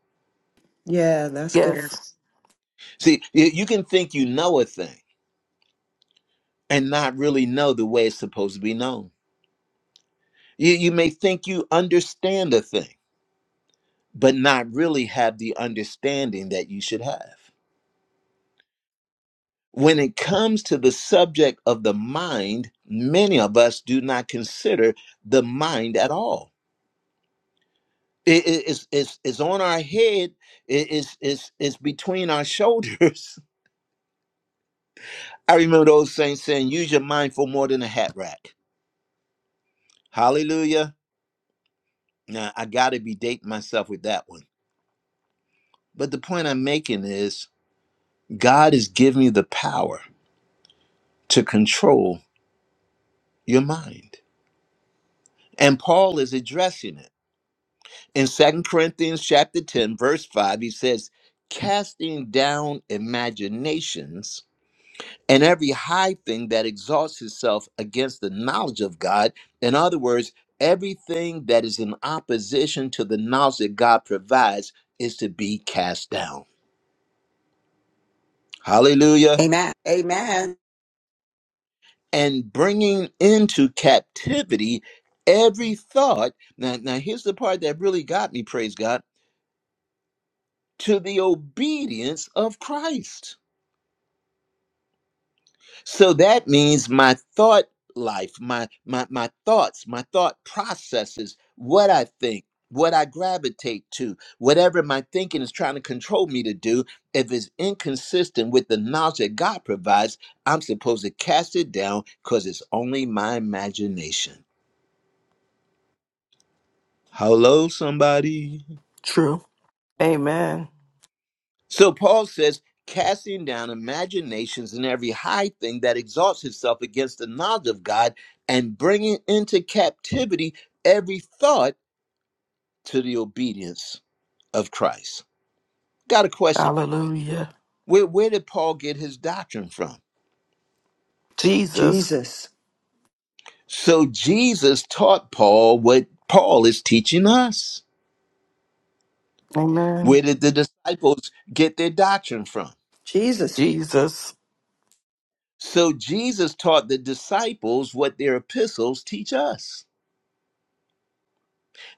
Yeah, that's good.
Yes.
Yes.
See, you you can think you know a thing and not really know the way it's supposed to be known. You, you may think you understand a thing, but not really have the understanding that you should have. When it comes to the subject of the mind, many of us do not consider the mind at all. It- it- it's, it's, it's on our head, it- it's, it's, it's between our shoulders. I remember those saints saying, use your mind for more than a hat rack. Hallelujah. Now, I got to be dating myself with that one. But the point I'm making is God has given you the power to control your mind. And Paul is addressing it. In Second Corinthians chapter 10 verse 5 he says, "Casting down imaginations and every high thing that exalts itself against the knowledge of God." In other words, everything that is in opposition to the knowledge that God provides is to be cast down. Hallelujah.
Amen. Amen.
and bringing into captivity every thought. Now, now here's the part that really got me, praise God, to the obedience of Christ. So that means my thought life, my my my thoughts, my thought processes, what I think, what I gravitate to, whatever my thinking is trying to control me to do, if it's inconsistent with the knowledge that God provides, I'm supposed to cast it down because it's only my imagination. Hello, somebody.
True.
and
Amen.
So Paul says, casting down imaginations and every high thing that exalts itself against the knowledge of God, and bringing into captivity every thought to the obedience of Christ. Got a question.
Hallelujah.
Where, where did Paul get his doctrine from?
Jesus.
Jesus.
So Jesus taught Paul what Paul is teaching us. Where
Amen.
did the disciples get their doctrine from?
Jesus.
Jesus.
So Jesus taught the disciples what their epistles teach us.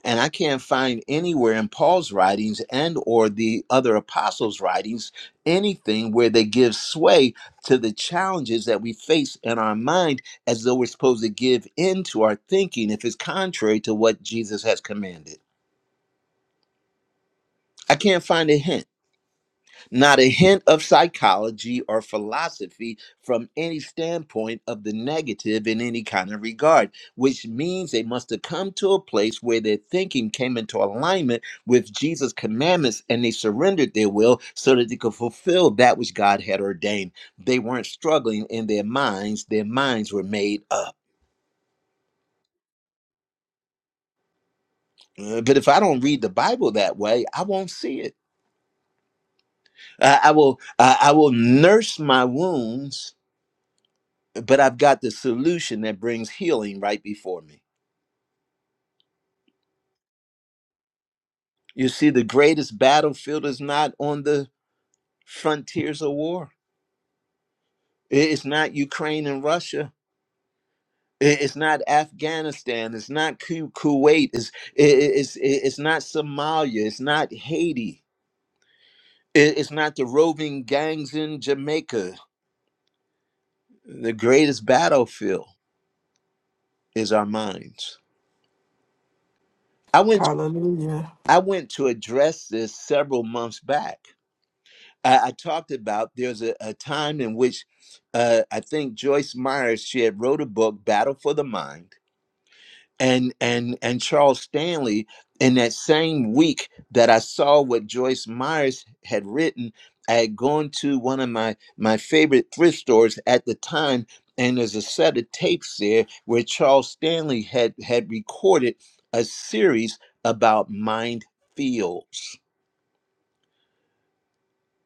and i can't find anywhere in paul's writings and or the other apostles writings anything where they give sway to the challenges that we face in our mind as though we're supposed to give in to our thinking if it's contrary to what jesus has commanded i can't find a hint Not a hint of psychology or philosophy from any standpoint of the negative in any kind of regard, which means they must have come to a place where their thinking came into alignment with Jesus' commandments and they surrendered their will so that they could fulfill that which God had ordained. They weren't struggling in their minds, their minds were made up. Uh, But if I don't read the Bible that way, I won't see it. I, I will I I will nurse my wounds but I've got the solution that brings healing right before me. You see, the greatest battlefield is not on the frontiers of war. It's not Ukraine and Russia. I- It's not Afghanistan. It's not Ku- Kuwait. It's, i- i- it's, i- it's not Somalia. It's not Haiti. I- It's not the roving gangs in Jamaica. The greatest battlefield is our minds. I went,
Hallelujah.
I went to address this several months back I, I talked about there's a, a time in which uh, I think Joyce Meyer she had wrote a book, Battle for the Mind, and and and Charles Stanley. In that same week that I saw what Joyce Myers had written, I had gone to one of my my favorite thrift stores at the time, and there's a set of tapes there where Charles Stanley had had recorded a series about mind field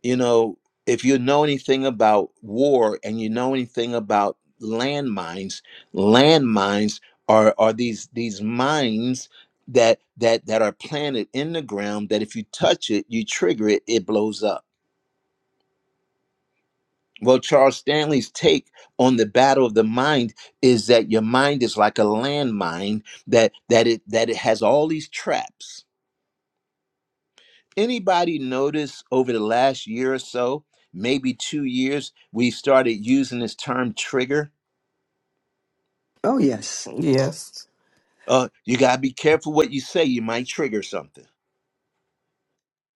you know, if you know anything about war and you know anything about landmines, landmines are are these these mines that that that are planted in the ground that if you touch it, you trigger it, it blows up. Well, Charles Stanley's take on the battle of the mind is that your mind is like a landmine that that it that it has all these traps Anybody notice over the last year or so, maybe two years, we started using this term trigger?
Oh, yes.
Yes.
Uh, you got to be careful what you say. You might trigger something.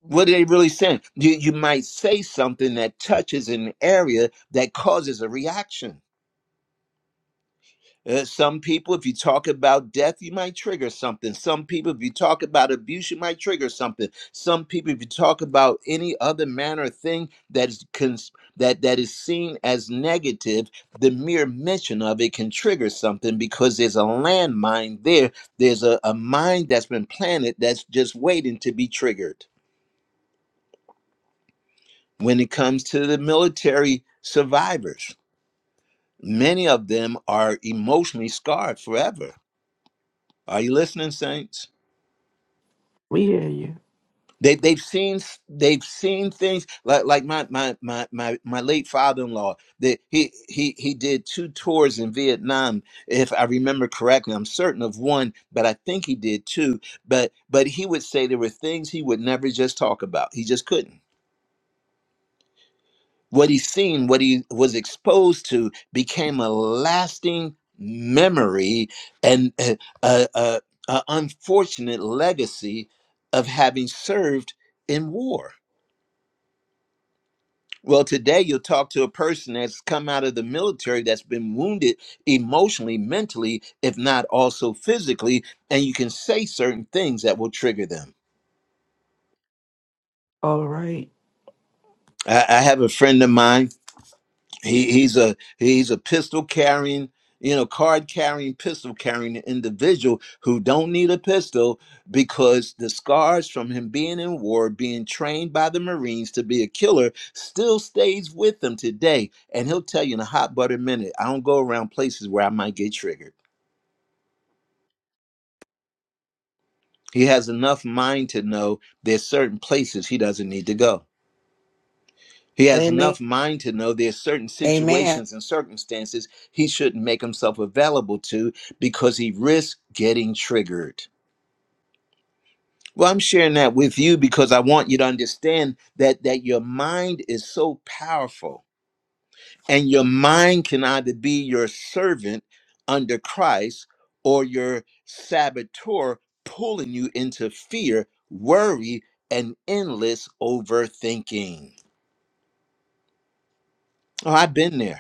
on
What are they really saying? You, you might say something that touches an area that causes a reaction. Uh, some people, if you talk about death, you might trigger something. Some people, if you talk about abuse, you might trigger something. Some people, if you talk about any other manner of thing that is cons- that that is seen as negative, the mere mention of it can trigger something because there's a landmine there. There's a, a mine that's been planted that's just waiting to be triggered. When it comes to the military survivors, many of them are emotionally scarred forever. Are you listening, saints?
We hear you.
They they've seen they've seen things like like my my my my, my late father in law that he he he did two tours in Vietnam if I remember correctly I'm certain of one but I think he did two but but he would say there were things he would never just talk about he just couldn't what he seen what he was exposed to became a lasting memory and a, a, a, a unfortunate legacy of having served in war Well, today you'll talk to a person that's come out of the military that's been wounded emotionally, mentally, if not also physically, and you can say certain things that will trigger them.
All right.
I, I have a friend of mine He he's a he's a pistol carrying, you know, card carrying, pistol carrying individual who don't need a pistol because the scars from him being in war, being trained by the Marines to be a killer, still stays with him today. And he'll tell you in a hot butter minute, I don't go around places where I might get triggered. He has enough mind to know there's certain places he doesn't need to go. He has
Amen.
enough mind to know there's certain
Amen.
situations and circumstances he shouldn't make himself available to because he risks getting triggered. Well, I'm sharing that with you because I want you to understand that that your mind is so powerful and your mind can either be your servant under Christ or your saboteur pulling you into fear, worry, and endless overthinking. Oh, I've been there.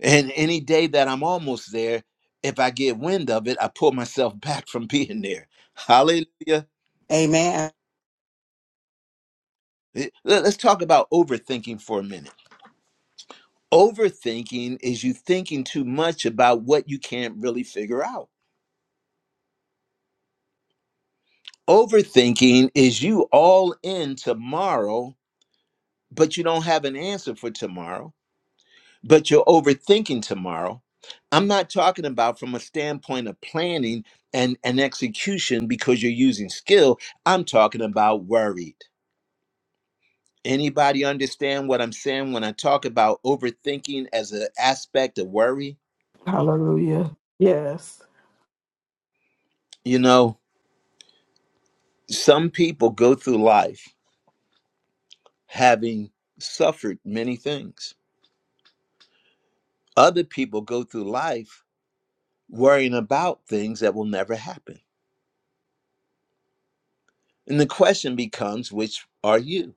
And any day that I'm almost there, if I get wind of it, I pull myself back from being there. Hallelujah.
Amen.
Eh, let- Let's talk about overthinking for a minute. Overthinking is you thinking too much about what you can't really figure out. Overthinking is you all in tomorrow, but you don't have an answer for tomorrow. but you're overthinking tomorrow. I'm not talking about from a standpoint of planning and, and execution because you're using skill. I'm talking about worried. Anybody understand what I'm saying when I talk about overthinking as an aspect of worry?
Hallelujah. Yes.
You know, some people go through life having suffered many things. Other people go through life worrying about things that will never happen. And the question becomes, which are you?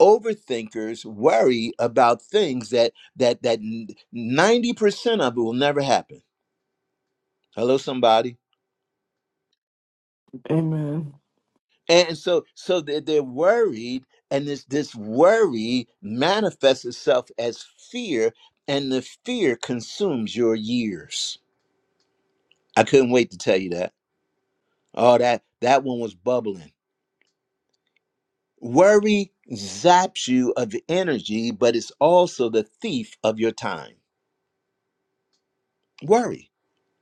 overthinkers worry about things that that that 90% of it will never happen hello somebody
Amen.
and so so they they're worried and this this worry manifests itself as fear and the fear consumes your years i couldn't wait to tell you that oh that that one was bubbling worry zaps you of energy but it's also the thief of your time worry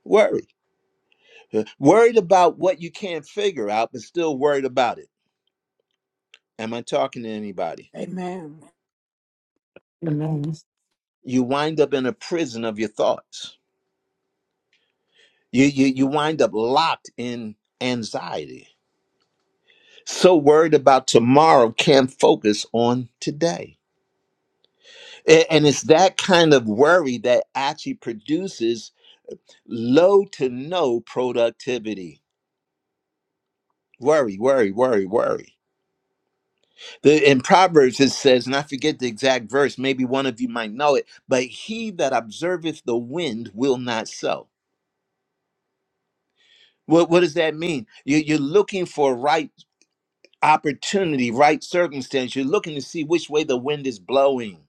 worry Uh, Worried about what you can't figure out, but still worried about it. Am I talking to anybody?
Amen.
Amen.
You wind up in a prison of your thoughts. You you you wind up locked in anxiety. So worried about tomorrow, can't focus on today. A- And it's that kind of worry that actually produces low to no productivity. Worry, worry, worry, worry. The, in Proverbs it says, and I forget the exact verse, maybe one of you might know it, but he that observeth the wind will not sow. What, what does that mean? You, you're looking for right opportunity, right circumstance. You're looking to see which way the wind is blowing.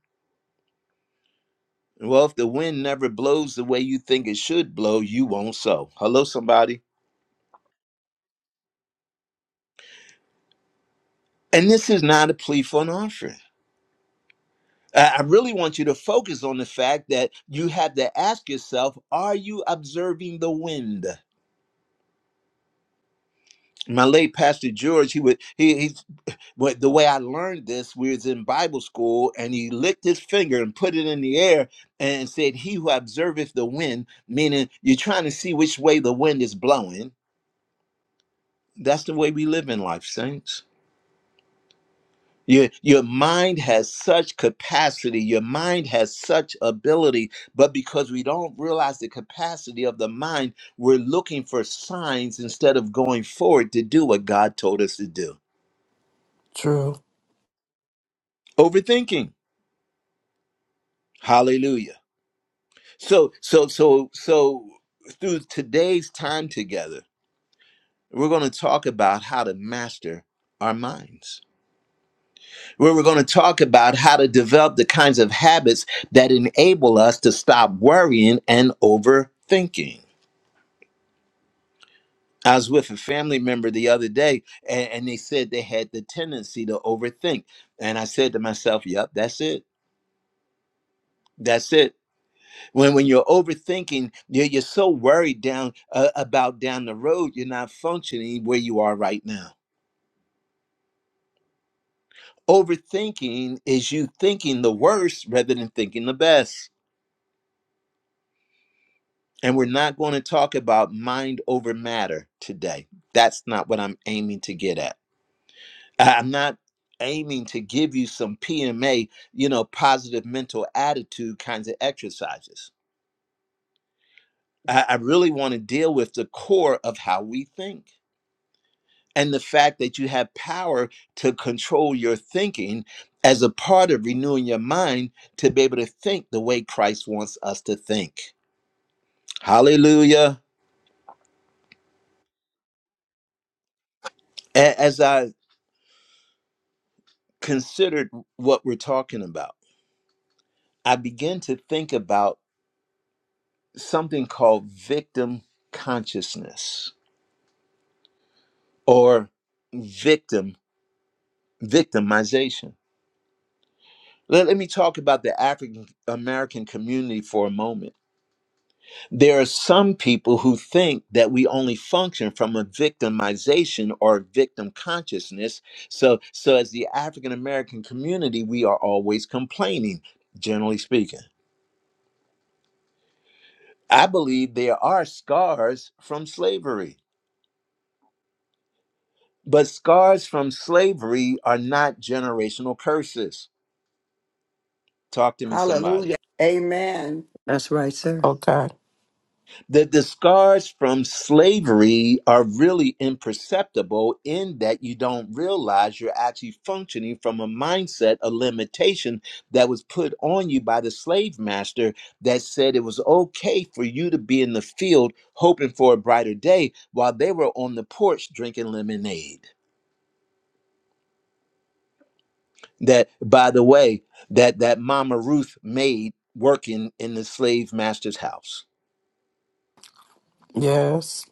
Well, if the wind never blows the way you think it should blow, you won't sow. Hello, somebody. And this is not a plea for an offering. I I really want you to focus on the fact that you have to ask yourself, are you observing the wind? my late pastor George, he would he he. But the way I learned this, we was in Bible school, and he licked his finger and put it in the air and said, "He who observeth the wind," meaning you're trying to see which way the wind is blowing. That's the way we live in life, saints. Your, your mind has such capacity, your mind has such ability, but because we don't realize the capacity of the mind, we're looking for signs instead of going forward to do what God told us to do.
True.
Overthinking. Hallelujah. So, so, so, so through today's time together, we're going to talk about how to master our minds. Where we're going to talk about how to develop the kinds of habits that enable us to stop worrying and overthinking. I was with a family member the other day, and, and they said they had the tendency to overthink. And I said to myself, Yep, that's it. That's it when when you're overthinking you're, you're so worried down uh, about down the road you're not functioning where you are right now overthinking is you thinking the worst rather than thinking the best and we're not going to talk about mind over matter today that's not what i'm aiming to get at I- i'm not aiming to give you some pma you know positive mental attitude kinds of exercises i, I really want to deal with the core of how we think and the fact that you have power to control your thinking as a part of renewing your mind to be able to think the way Christ wants us to think. Hallelujah. A- As I considered what we're talking about, I began to think about something called victim consciousness or victim victimization. Let, let me talk about the African American community for a moment There are some people who think that we only function from a victimization or victim consciousness. So, so as the African American community, we are always complaining, generally speaking. I believe there are scars from slavery, but scars from slavery are not generational curses. Talk to me,
Hallelujah.
somebody.
Amen.
That's right, sir.
Okay.
The, the scars from slavery are really imperceptible in that you don't realize you're actually functioning from a mindset, a limitation that was put on you by the slave master that said it was okay for you to be in the field hoping for a brighter day while they were on the porch drinking lemonade. That, by the way, that, that Mama Ruth made working in the slave master's house.
Yes.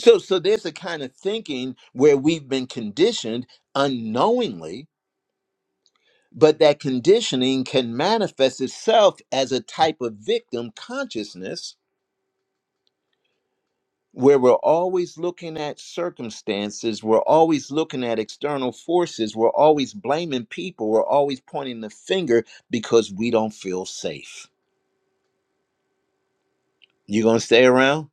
So, so there's a kind of thinking where we've been conditioned unknowingly, but that conditioning can manifest itself as a type of victim consciousness where we're always looking at circumstances, we're always looking at external forces, we're always blaming people, we're always pointing the finger because we don't feel safe. You gonna stay around?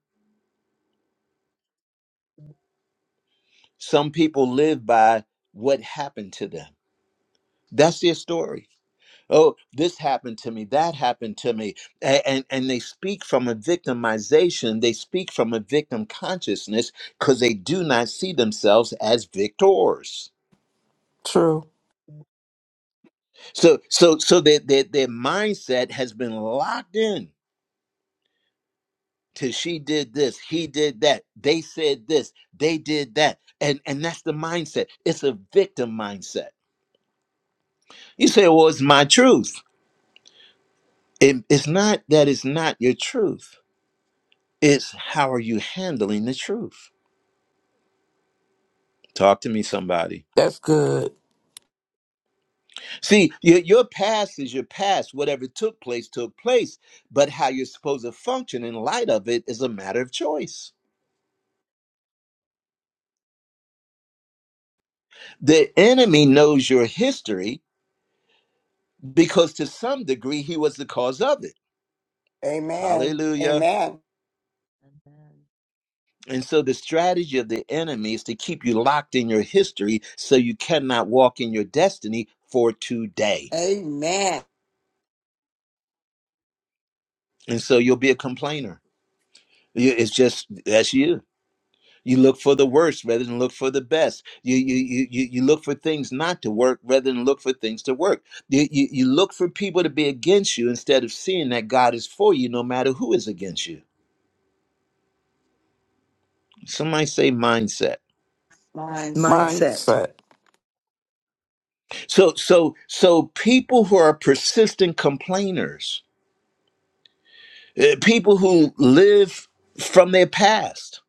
Some people live by what happened to them. That's their story oh this happened to me that happened to me A- and and they speak from a victimization they speak from a victim consciousness because they do not see themselves as victors
True.
so so so their, their their mindset has been locked in to she did this he did that they said this they did that and and that's the mindset it's a victim mindset you say well it's my truth It- it's not that it's not your truth it's how are you handling the truth Talk to me, somebody.
That's good.
See, your, your past is your past. Whatever took place, took place. But how you're supposed to function in light of it is a matter of choice. The enemy knows your history because to some degree he was the cause of it.
Amen.
Hallelujah.
Amen.
and then
And so the strategy of the enemy is to keep you locked in your history so you cannot walk in your destiny for today.
Amen.
And so you'll be a complainer. You- It's just, that's you You look for the worst rather than look for the best. You you you you, you look for things not to work rather than look for things to work. You, you you look for people to be against you instead of seeing that God is for you no matter who is against you. Somebody say mindset.
Mindset.
Mindset.
Mindset.
So so so people who are persistent complainers, eh, people who live from their past,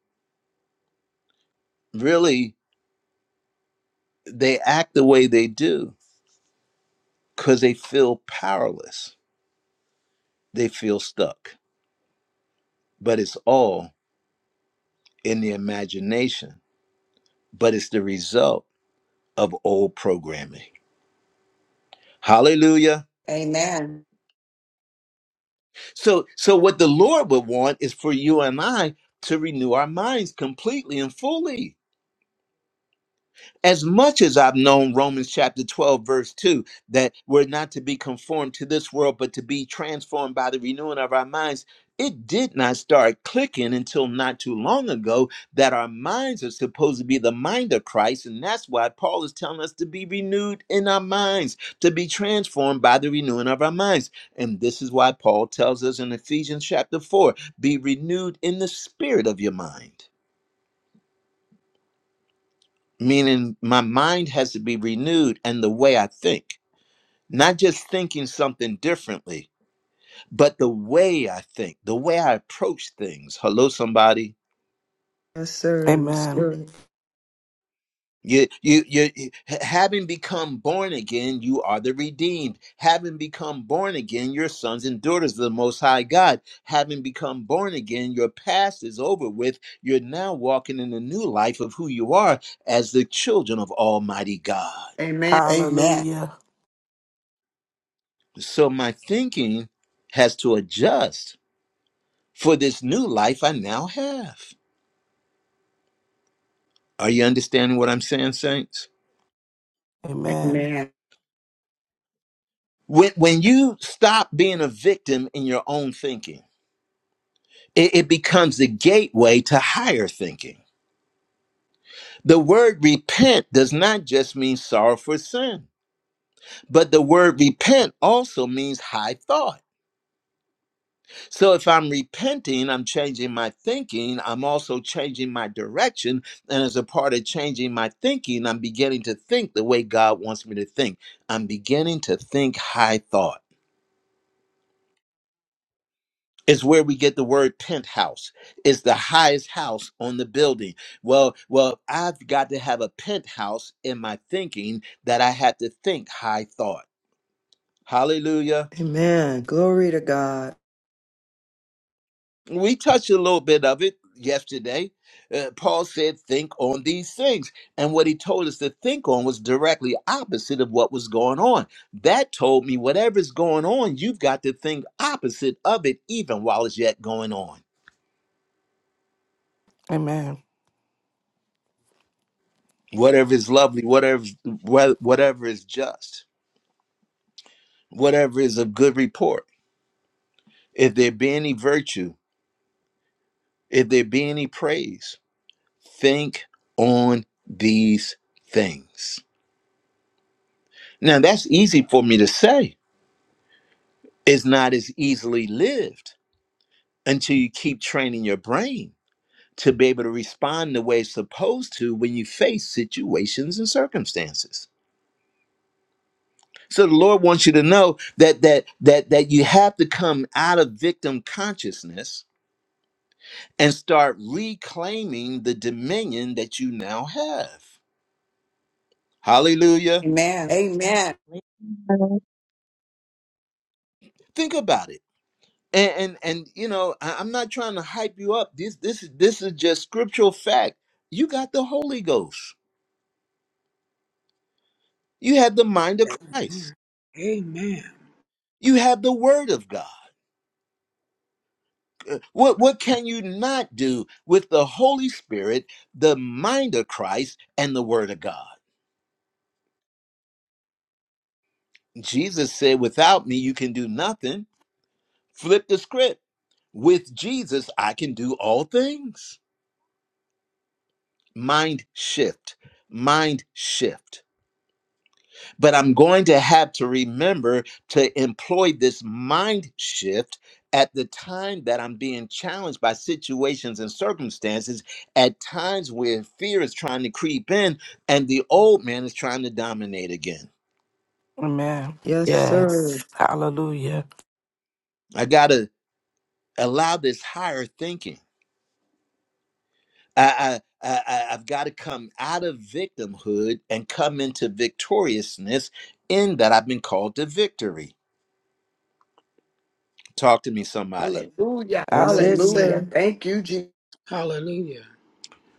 really they act the way they do because they feel powerless. They feel stuck. But it's all in the imagination, but it's the result of old programming. Hallelujah.
Amen.
So so what the Lord would want is for you and I to renew our minds completely and fully As much as I've known Romans chapter 12, verse 2, that we're not to be conformed to this world, but to be transformed by the renewing of our minds, it did not start clicking until not too long ago that our minds are supposed to be the mind of Christ. And that's why Paul is telling us to be renewed in our minds, to be transformed by the renewing of our minds. And this is why Paul tells us in Ephesians chapter 4 be renewed in the spirit of your mind meaning my mind has to be renewed and the way I think, not just thinking something differently, but the way I think, the way I approach things. Hello, somebody.
Yes, sir. It's
Amen.
good.
You, you, you, you- having become born again, you are the redeemed. Having become born again, your sons and daughters of the Most High God. Having become born again, your past is over with. You're now walking in the new life of who you are as the children of Almighty God.
Amen. Amen.
Hallelujah.
So my thinking has to adjust for this new life I now have. Are you understanding what I'm saying, Saints?
Amen.
Amen.
When, when you stop being a victim in your own thinking, it, it becomes the gateway to higher thinking. The word repent does not just mean sorrow for sin, but the word repent also means high thought. So if I'm repenting, I'm changing my thinking. I'm also changing my direction. And as a part of changing my thinking, I'm beginning to think the way God wants me to think. I'm beginning to think high thought. It's where we get the word penthouse. It's the highest house on the building. Well, well, I've got to have a penthouse in my thinking that I have to think high thought. Hallelujah.
Amen. Glory to God.
We touched a little bit of it yesterday. Uh, Paul said, Think on these things. And what he told us to think on was directly opposite of what was going on. That told me whatever's going on, you've got to think opposite of it, even while it's yet going on.
Amen.
Whatever is lovely, whatever, wha- whatever is just, whatever is of good report, if there be any virtue, if there be any praise, think on these things. Now, that's easy for me to say is not as easily lived until you keep training your brain to be able to respond the way it's supposed to when you face situations and circumstances. So the Lord wants you to know that that that that you have to come out of victim consciousness and start reclaiming the dominion that you now have. Hallelujah.
Amen. Amen.
later
Think about it. And and, and you know, I, I'm not trying to hype you up. This this is this is just scriptural fact. You got the Holy Ghost. You have the mind of Christ.
Amen.
You have the word of God. Uh, What what can you not do with the Holy Spirit, the mind of Christ and the word of God? Jesus said, "Without me you can do nothing." Flip the script. With Jesus I can do all things. Mind shift. Mind shift But I'm going to have to remember to employ this mind shift at the time that I'm being challenged by situations and circumstances, at times where fear is trying to creep in and the old man is trying to dominate again.
Amen.
Yes, sir.
Yes. Hallelujah.
I got to allow this higher thinking. I, I, I, I- I've got to come out of victimhood and come into victoriousness in that I've been called to victory. Talk to me, somebody.
Hallelujah.
That's it,
Hallelujah.
sir.
Hallelujah.
Thank you, Jesus.
Hallelujah.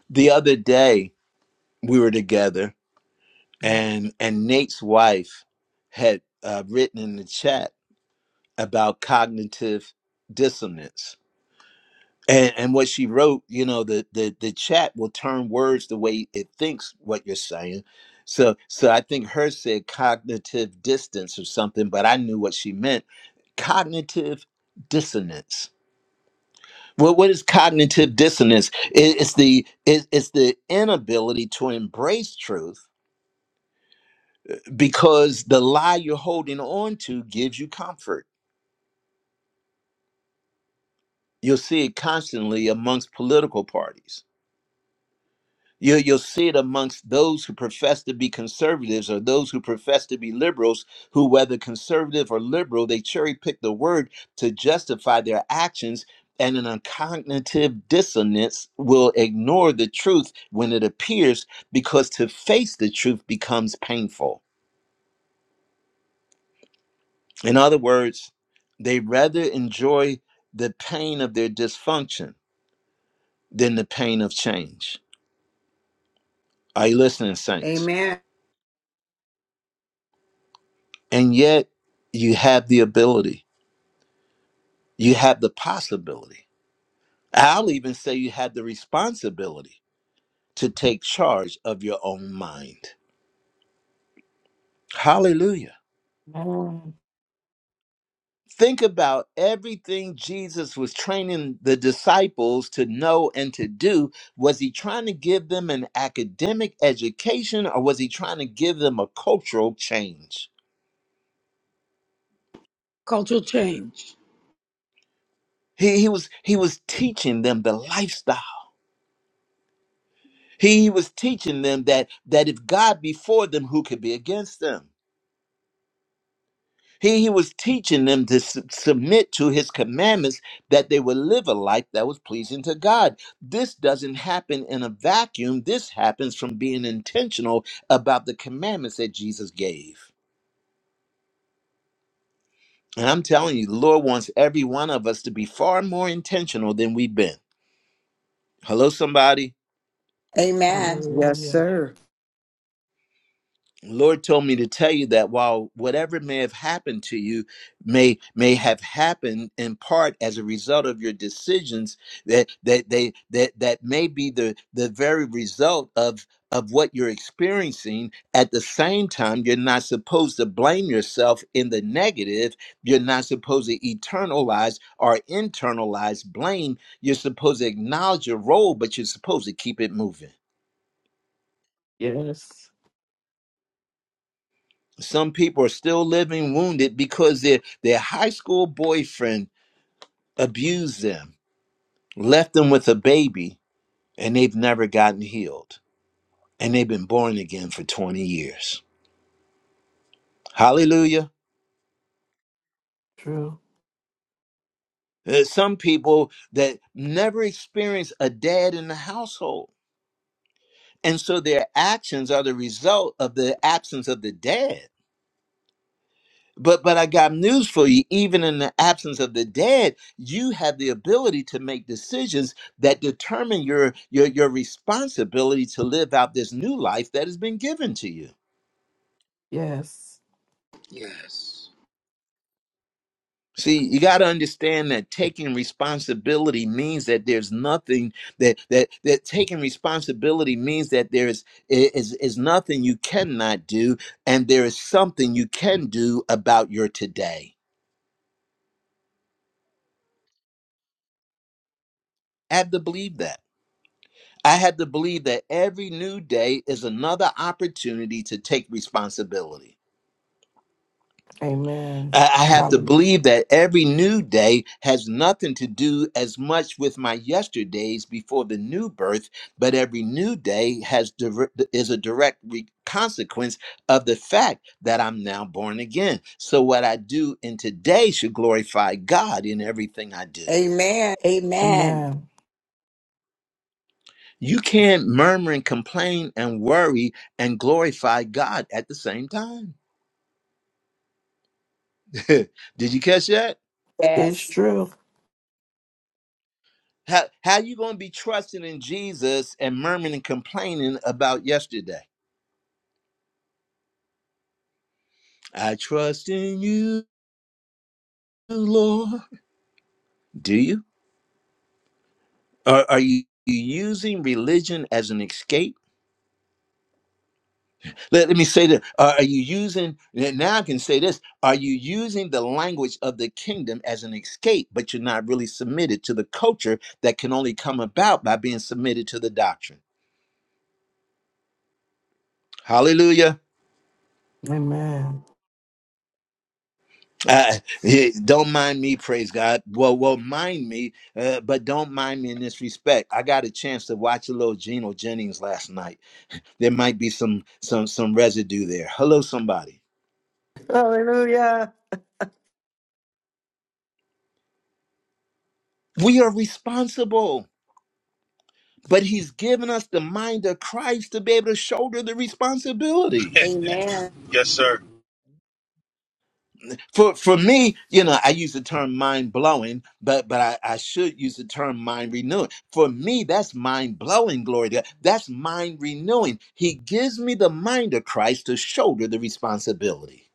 The other day, we were together and and Nate's wife had uh, written in the chat about cognitive dissonance. And, and what she wrote, you know, the, the the chat will turn words the way it thinks what you're saying. So so I think her said cognitive distance or something, but I knew what she meant. Cognitive dissonance. Well, what is cognitive dissonance? It, it's the it, it's the inability to embrace truth because the lie you're holding on to gives you comfort. You'll see it constantly amongst political parties. You, you'll see it amongst those who profess to be conservatives or those who profess to be liberals, who, whether conservative or liberal, they cherry pick the word to justify their actions. And an cognitive dissonance will ignore the truth when it appears because to face the truth becomes painful. In other words, they rather enjoy the pain of their dysfunction than the pain of change. Are you listening, saints?
Amen.
And yet, you have the ability, you have the possibility. I'll even say you have the responsibility to take charge of your own mind. Hallelujah.
Amen.
Think about everything Jesus was training the disciples to know and to do. Was he trying to give them an academic education or was he trying to give them a cultural change?
Cultural change.
He, he was he was teaching them the lifestyle. He was teaching them that that if God be for them, who could be against them? He, he was teaching them to su- submit to his commandments that they would live a life that was pleasing to God. This doesn't happen in a vacuum. This happens from being intentional about the commandments that Jesus gave. And I'm telling you, the Lord wants every one of us to be far more intentional than we've been. Hello, somebody.
Amen.
Yes,
Hallelujah.
sir.
Lord told me to tell you that while whatever may have happened to you may may have happened in part as a result of your decisions that that they that that may be the the very result of of what you're experiencing at the same time you're not supposed to blame yourself in the negative you're not supposed to eternalize or internalize blame you're supposed to acknowledge your role but you're supposed to keep it moving
Yes.
some people are still living wounded because their their high school boyfriend abused them, left them with a baby, and they've never gotten healed, and they've been born again for 20 years. Hallelujah.
True.
Uh, Some people that never experienced a dad in the household. And so their actions are the result of the absence of the dad. But but I got news for you. Even in the absence of the dead, you have the ability to make decisions that determine your your your responsibility to live out this new life that has been given to you.
Yes.
Yes.
See, you got to understand that taking responsibility means that there's nothing that that that taking responsibility means that there's is is is nothing you cannot do, and there is something you can do about your today. I have to believe that. I had to believe that every new day is another opportunity to take responsibility.
Amen.
I I have to
Hallelujah.
believe that every new day has nothing to do as much with my yesterdays before the new birth, but every new day has dir- is a direct re- consequence of the fact that I'm now born again. So what I do in today should glorify God in everything I do.
Amen. Amen.
Amen.
You can't murmur and complain and worry and glorify God at the same time. Did you catch that?
It's
Yes.
true.
How how you gonna be trusting in Jesus and murmuring and complaining about yesterday? I trust in you, Lord. Do you? Or are you using religion as an escape? Let, let me say that. Are are you using now I can say this. Are you using the language of the kingdom as an escape, but you're not really submitted to the culture that can only come about by being submitted to the doctrine? Hallelujah.
Amen.
Uh, eh, don't mind me, praise God. Well, well, mind me, uh, but don't mind me in this respect. I got a chance to watch a little Geno Jennings last night. There might be some some some residue there. Hello, somebody.
Hallelujah.
We are responsible, but He's given us the mind of Christ to be able to shoulder the responsibility.
Amen.
Yes, sir.
for for me, you know, I use the term mind blowing, but but I, I should use the term mind renewing. For me, that's mind blowing, glory to God. That's mind renewing. He gives me the mind of Christ to shoulder the responsibility.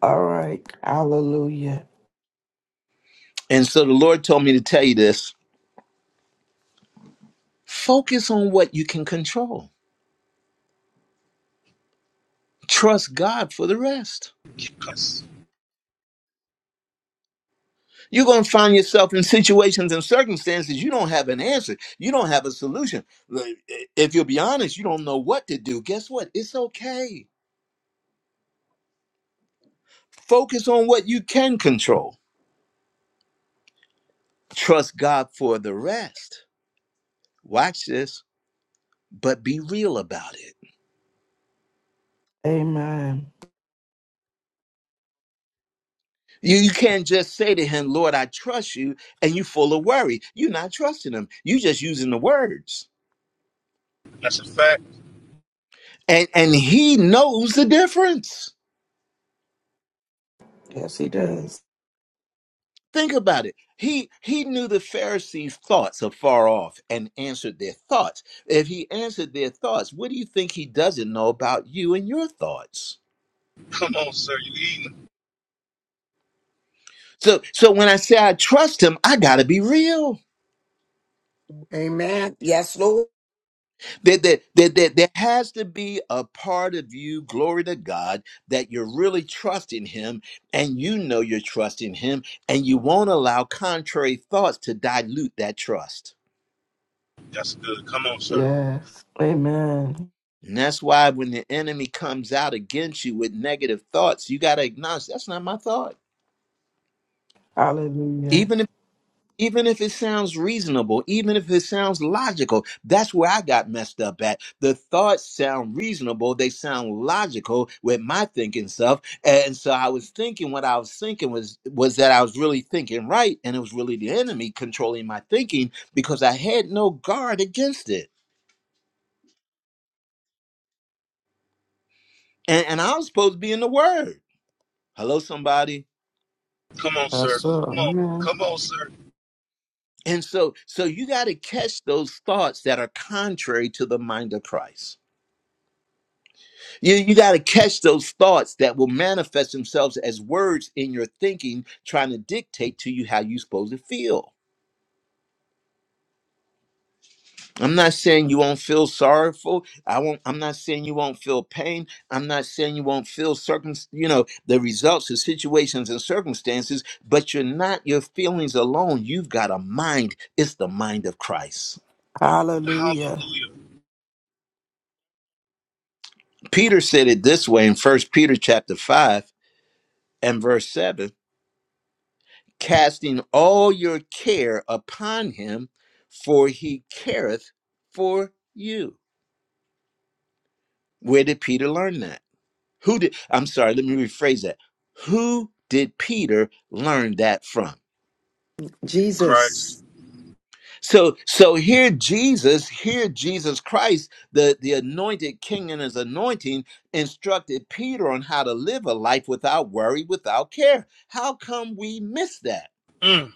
All right. Hallelujah.
And so the Lord told me to tell you this: focus on what you can control. Trust God for the rest.
That's,
You're going to find yourself in situations and circumstances you don't have an answer. You don't have a solution. If you'll be honest, you don't know what to do. Guess what? It's okay Focus on what you can control. Trust God for the rest. Watch this, but be real about it.
Amen.
You, you can't just say to him, Lord, I trust you, and you are full of worry. You're not trusting him. you are just using the words.
that's a fact.
And and he knows the difference.
Yes, he does.
Think about it. He he knew the Pharisees' thoughts afar off and answered their thoughts. If he answered their thoughts, what do you think he doesn't know about you and your thoughts?
Come on, sir. You eating?
So so when I say I trust him, I gotta be real.
Amen. Yes, Lord.
That that that that there has to be a part of you, glory to God, that you're really trusting him and you know you're trusting him and you won't allow contrary thoughts to dilute that trust.
That's good. Come on, sir.
Yes. Amen.
And that's why when the enemy comes out against you with negative thoughts, you gotta acknowledge that's not my thought.
Hallelujah.
even if. even if it sounds reasonable, even if it sounds logical. That's where I got messed up at. The thoughts sound reasonable, they sound logical with my thinking self. And so I was thinking what I was thinking was was that I was really thinking right, and it was really the enemy controlling my thinking because I had no guard against it. And, and I was supposed to be in the word. Hello, somebody.
Come on,
Yes,
sir.
sir.
Come on.
Amen.
Come on, sir.
And so so you got to catch those thoughts that are contrary to the mind of Christ. You, you got to catch those thoughts that will manifest themselves as words in your thinking, trying to dictate to you how you're supposed to feel. I'm not saying you won't feel sorrowful. I won't. I'm not saying you won't feel pain. I'm not saying you won't feel circum, you know, the results of situations and circumstances. But you're not your feelings alone. You've got a mind. It's the mind of Christ.
Hallelujah.
Hallelujah.
Peter said it this way in First Peter chapter five and verse seven. casting all your care upon him, for he careth for you. Where did Peter learn that? Who did, I'm sorry, let me rephrase that. Who did Peter learn that from?
Christ.
Jesus.
So, so here Jesus, here Jesus Christ, the, the anointed king and his anointing instructed Peter on how to live a life without worry, without care. How come we miss that?
Mm.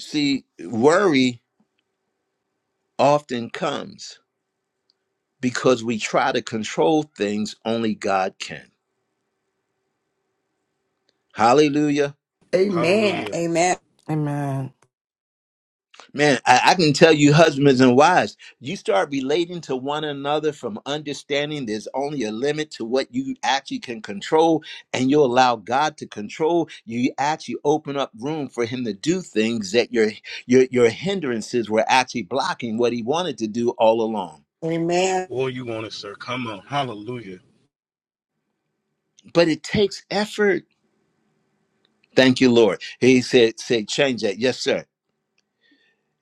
See, worry often comes because we try to control things only God can. Hallelujah.
Amen.
Hallelujah.
Amen.
Amen.
Man, I, I can tell you, husbands and wives, you start relating to one another from understanding there's only a limit to what you actually can control, and you allow God to control. You actually open up room for Him to do things that your your your hindrances were actually blocking what He wanted to do all along.
Amen.
Oh, you want it, sir. Come on. Hallelujah.
But it takes effort. Thank you, Lord. He said, "Say change that." Yes, sir.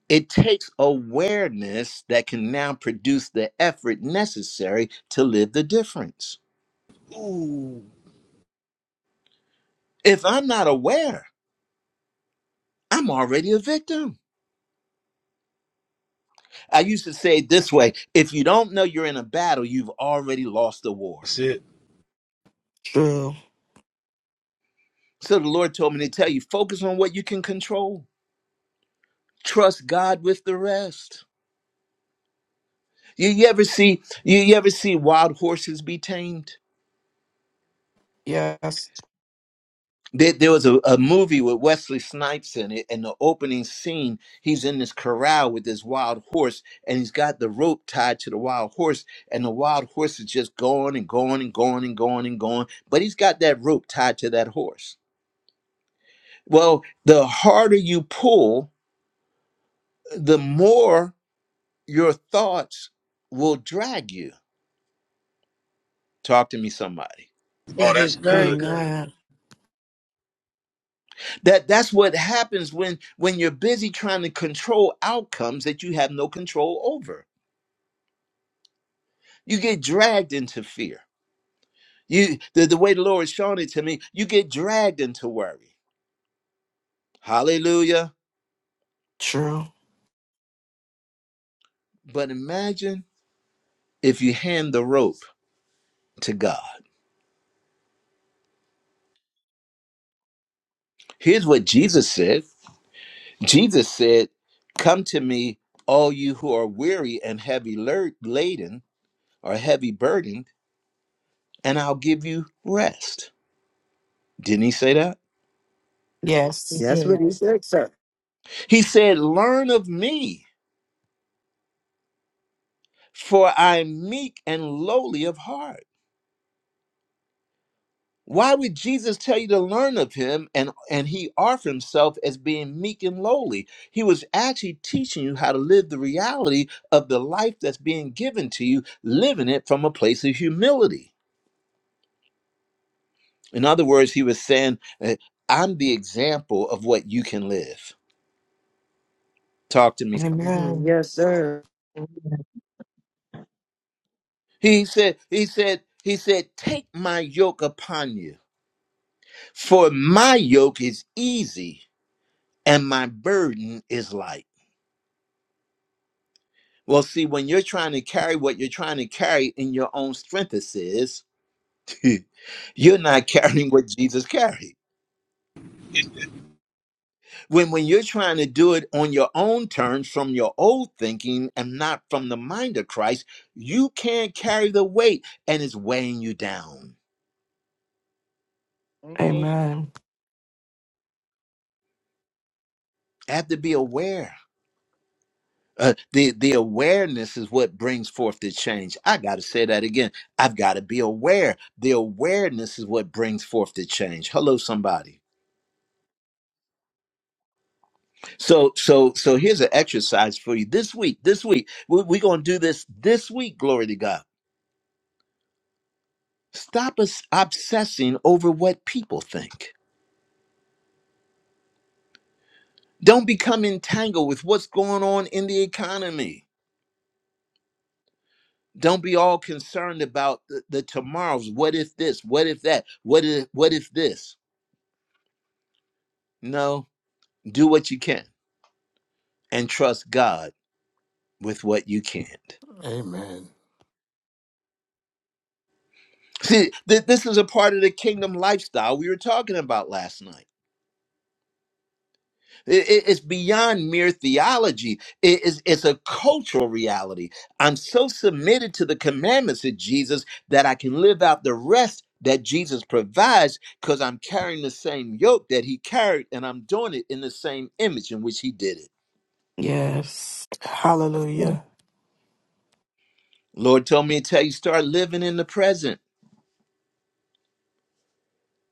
It takes awareness that can now produce the effort necessary to live the difference.
Ooh.
If I'm not aware, I'm already a victim. I used to say it this way if you don't know you're in a battle, you've already lost the war.
That's it.
True.
So the Lord told me to tell you focus on what you can control, trust God with the rest. You, you ever see you, you ever see wild horses be tamed?
Yes.
There, there was a, a movie with Wesley Snipes in it, and the opening scene, he's in this corral with this wild horse, and he's got the rope tied to the wild horse, and the wild horse is just going and going and going and going and going, but he's got that rope tied to that horse. Well, the harder you pull, the more your thoughts will drag you. Talk to me, somebody.
Oh,
That is
that's
very
good.
good.
Amen.
That that's what happens when when you're busy trying to control outcomes that you have no control over You get dragged into fear. You the, the way the Lord is showing it to me, you get dragged into worry. Hallelujah.
True.
But imagine if you hand the rope to God. Here's what Jesus said. Jesus said, Come to me, all you who are weary and heavy lur- laden or heavy burdened, and I'll give you rest. Didn't he say that?
he
Yes.
That's what
did.
he said, sir.
He said, Learn of me, for I am meek and lowly of heart Why would Jesus tell you to learn of him and and he offer himself as being meek and lowly? He was actually teaching you how to live the reality of the life that's being given to you, living it from a place of humility. In other words, he was saying, eh, I'm the example of what you can live. Talk to me. son.
hmm
Amen.
Yes, sir.
He said, he said, he said, take my yoke upon you, for my yoke is easy and my burden is light. Well, see, when you're trying to carry what you're trying to carry in your own strength, it says, you're not carrying what Jesus carried.
It, it,
When when you're trying to do it on your own terms from your old thinking and not from the mind of Christ, you can't carry the weight and it's weighing you down.
Amen.
Amen.
Have to be aware. Uh, the the awareness is what brings forth the change. I got to say that again. I've got to be aware. The awareness is what brings forth the change. Hello, somebody. So, so, so here's an exercise for you this week. This week, we're, we're going to do this this week. Glory to God. Stop us obsessing over what people think. Don't become entangled with what's going on in the economy. Don't be all concerned about the, the tomorrows. What if this? What if that? What if what if this? No, do what you can and trust God with what you can't.
Amen.
See, th- this is a part of the kingdom lifestyle we were talking about last night It- it- it's beyond mere theology. It is it's a cultural reality. I'm so submitted to the commandments of Jesus that I can live out the rest that Jesus provides because I'm carrying the same yoke that he carried and I'm doing it in the same image in which he did it.
Yes.
Yes, sir.
Hallelujah.
Lord told me to tell you start living in the present.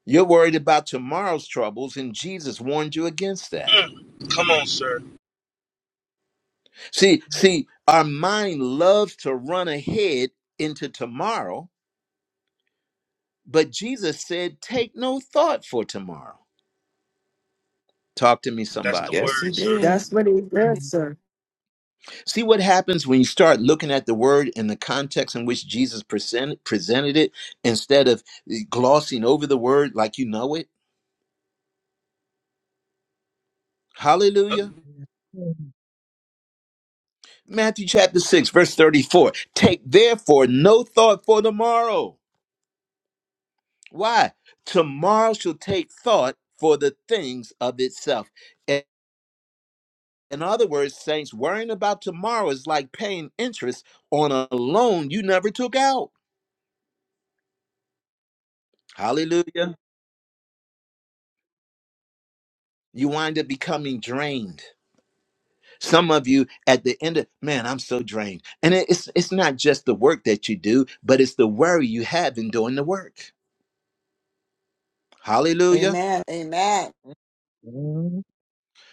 You're worried about tomorrow's troubles, and Jesus warned you against that.
Mm. Come on, sir.
See, see, our mind loves to run ahead into tomorrow But Jesus said, Take no thought for tomorrow. Talk to me,
That's the
somebody.
Yes, he
word, sir.
did.
That's what he said,
Mm,
sir.
See what happens when you start looking at the word in the context in which Jesus present, presented it instead of eh, glossing over the word like you know it? Hallelujah.
and then,
Matthew chapter 6, verse 34. Take therefore no thought for tomorrow. Why? Tomorrow shall take thought for the things of itself. In other words, saints, worrying about tomorrow is like paying interest on a loan you never took out. Hallelujah. You wind up becoming drained. Some of you at the end of, man, I'm so drained. And it- it's it's not just the work that you do, but it's the worry you have in doing the work. Hallelujah.
Amen. Amen.
Mm,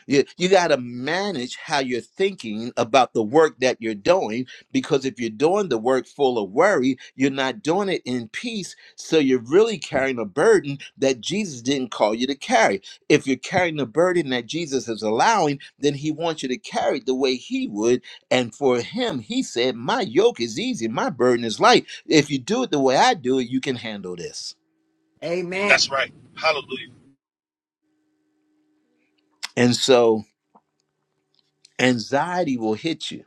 You, you got to manage how you're thinking about the work that you're doing because if you're doing the work full of worry, you're not doing it in peace. So you're really carrying a burden that Jesus didn't call you to carry. If you're carrying the burden that Jesus is allowing, then he wants you to carry it the way he would. And for him, he said, My yoke is easy, my burden is light. If you do it the way I do it, you can handle this.
Amen.
That's right. Hallelujah.
And so anxiety will hit you.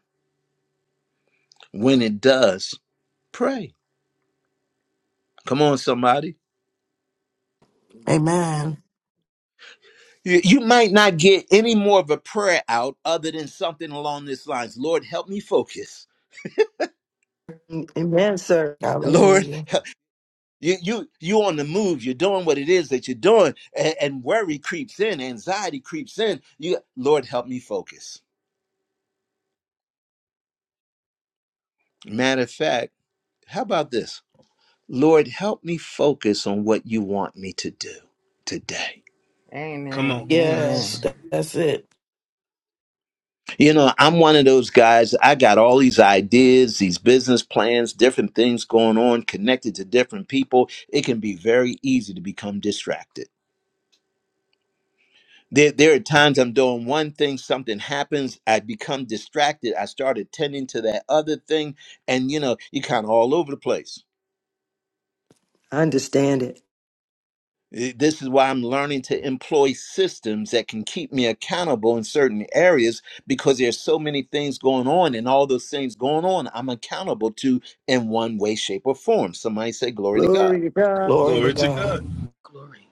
When it does, pray Come on, somebody.
Amen.
You you might not get any more of a prayer out other than something along this lines. Lord, help me focus.
Amen, sir.
Lord,
Hallelujah.
help- you you you on the move. You're doing what it is that you're doing, and, and worry creeps in, anxiety creeps in. You, Lord, help me focus. Matter of fact, how about this? Lord, help me focus on what you want me to do today.
Come on.
Amen.
Yes,
Yes.
Amen.
tha- that's it.
You know, I'm one of those guys. I got all these ideas, these business plans, different things going on, connected to different people. It can be very easy to become distracted. There, there are times I'm doing one thing, something happens, I become distracted. I start attending to that other thing, and you know, you're kind of all over the place.
I understand it.
Eh, This is why I'm learning to employ systems that can keep me accountable in certain areas because there's so many things going on, and all those things going on, I'm accountable to in one way, shape, or form. Somebody say, "Glory to God."
Glory to God.
Glory to
Glory to
God.
God.
Glory.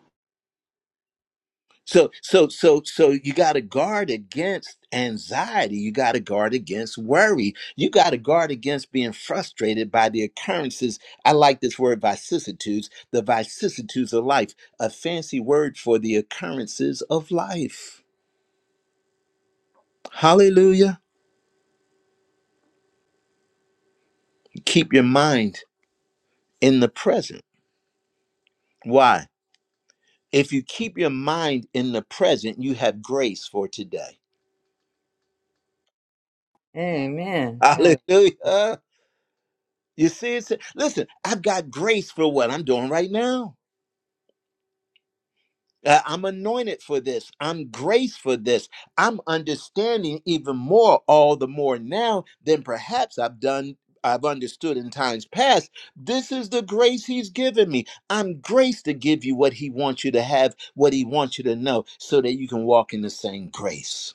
So, so, so, so you got to guard against anxiety. You got to guard against worry. You got to guard against being frustrated by the occurrences. I like this word vicissitudes, the vicissitudes of life, a fancy word for the occurrences of life. Hallelujah. Keep your mind in the present. Why? If you keep your mind in the present, you have grace for today.
Amen. Hallelujah.
Hallelujah. You see, it's, listen, I've got grace for what I'm doing right now. Uh, I'm anointed for this. I'm graced for this. I'm understanding even more, all the more now than perhaps I've done. I've understood in times past. This is the grace He's given me. I'm graced to give you what He wants you to have, what He wants you to know, so that you can walk in the same grace.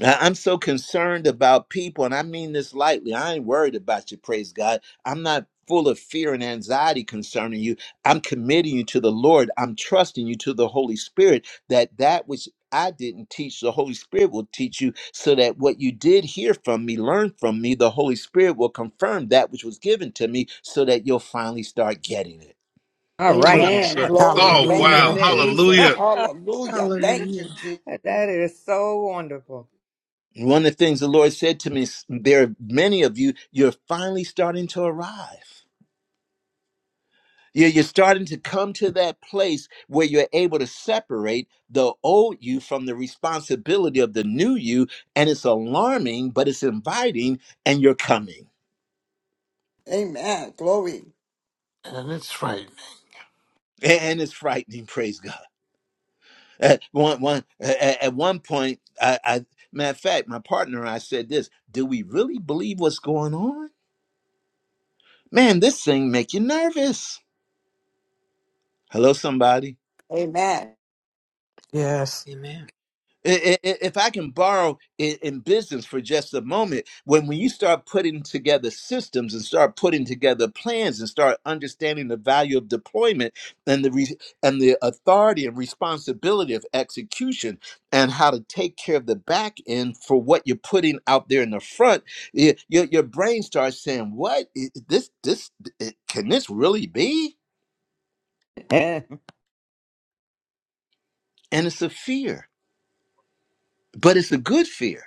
I- I'm so concerned about people, and I mean this lightly. I ain't worried about you, praise God. I'm not full of fear and anxiety concerning you. I'm committing you to the Lord. I'm trusting you to the Holy Spirit that that which I didn't teach, the Holy Spirit will teach you so that what you did hear from me, learn from me, the Holy Spirit will confirm that which was given to me so that you'll finally start getting it.
All
Come
right
on,
now.
Amen.
sir.
That's
Glory.
good.
Oh,
Thank
wow.
Hallelujah.
you,
Amen.
Jesus.
Hallelujah.
that
Hallelujah. Thank
Hallelujah.
you, Jesus.
is so wonderful.
And One of the things the Lord said to me, is, there are many of you, you're finally starting to arrive. You're, you're starting to come to that place where you're able to separate the old you from the responsibility of the new you. And it's alarming, but it's inviting, and you're coming.
Amen. Glory.
And it's frightening.
A- And it's frightening, praise God. At one, one, a- at one point, I, I, matter of fact, my partner and I said this Do we really believe what's going on? Man, this thing make you nervous. Hello, somebody.
Amen.
Yes.
Amen.
I- I- If I can borrow i- in business for just a moment, when when you start putting together systems and start putting together plans and start understanding the value of deployment and the re- and the authority and responsibility of execution and how to take care of the back end for what you're putting out there in the front, y- your your brain starts saying, "What i- this this it, can this really be?"
Amen.
And it's a fear, but it's a good fear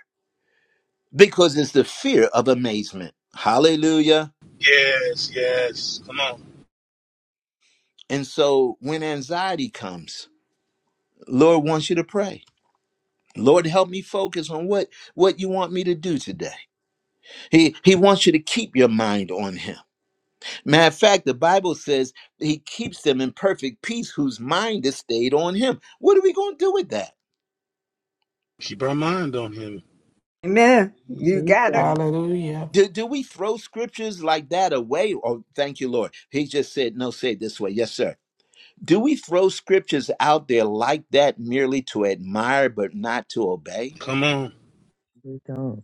because it's the fear of amazement. Hallelujah.
Yes, yes. Come on.
And so when anxiety comes, Lord wants you to pray. Lord, help me focus on what what you want me to do today. He he wants you to keep your mind on him. Matter of fact, the Bible says he keeps them in perfect peace whose mind is stayed on him. What are we going to do with that?
Keep our mind on him.
You
We
got
go,
it.
Hallelujah.
Do, do we throw scriptures like that away? Oh, thank you, Lord. He just said, no, say it this way. Yes, sir. Do we throw scriptures out there like that merely to admire but not to obey?
Come on.
we go.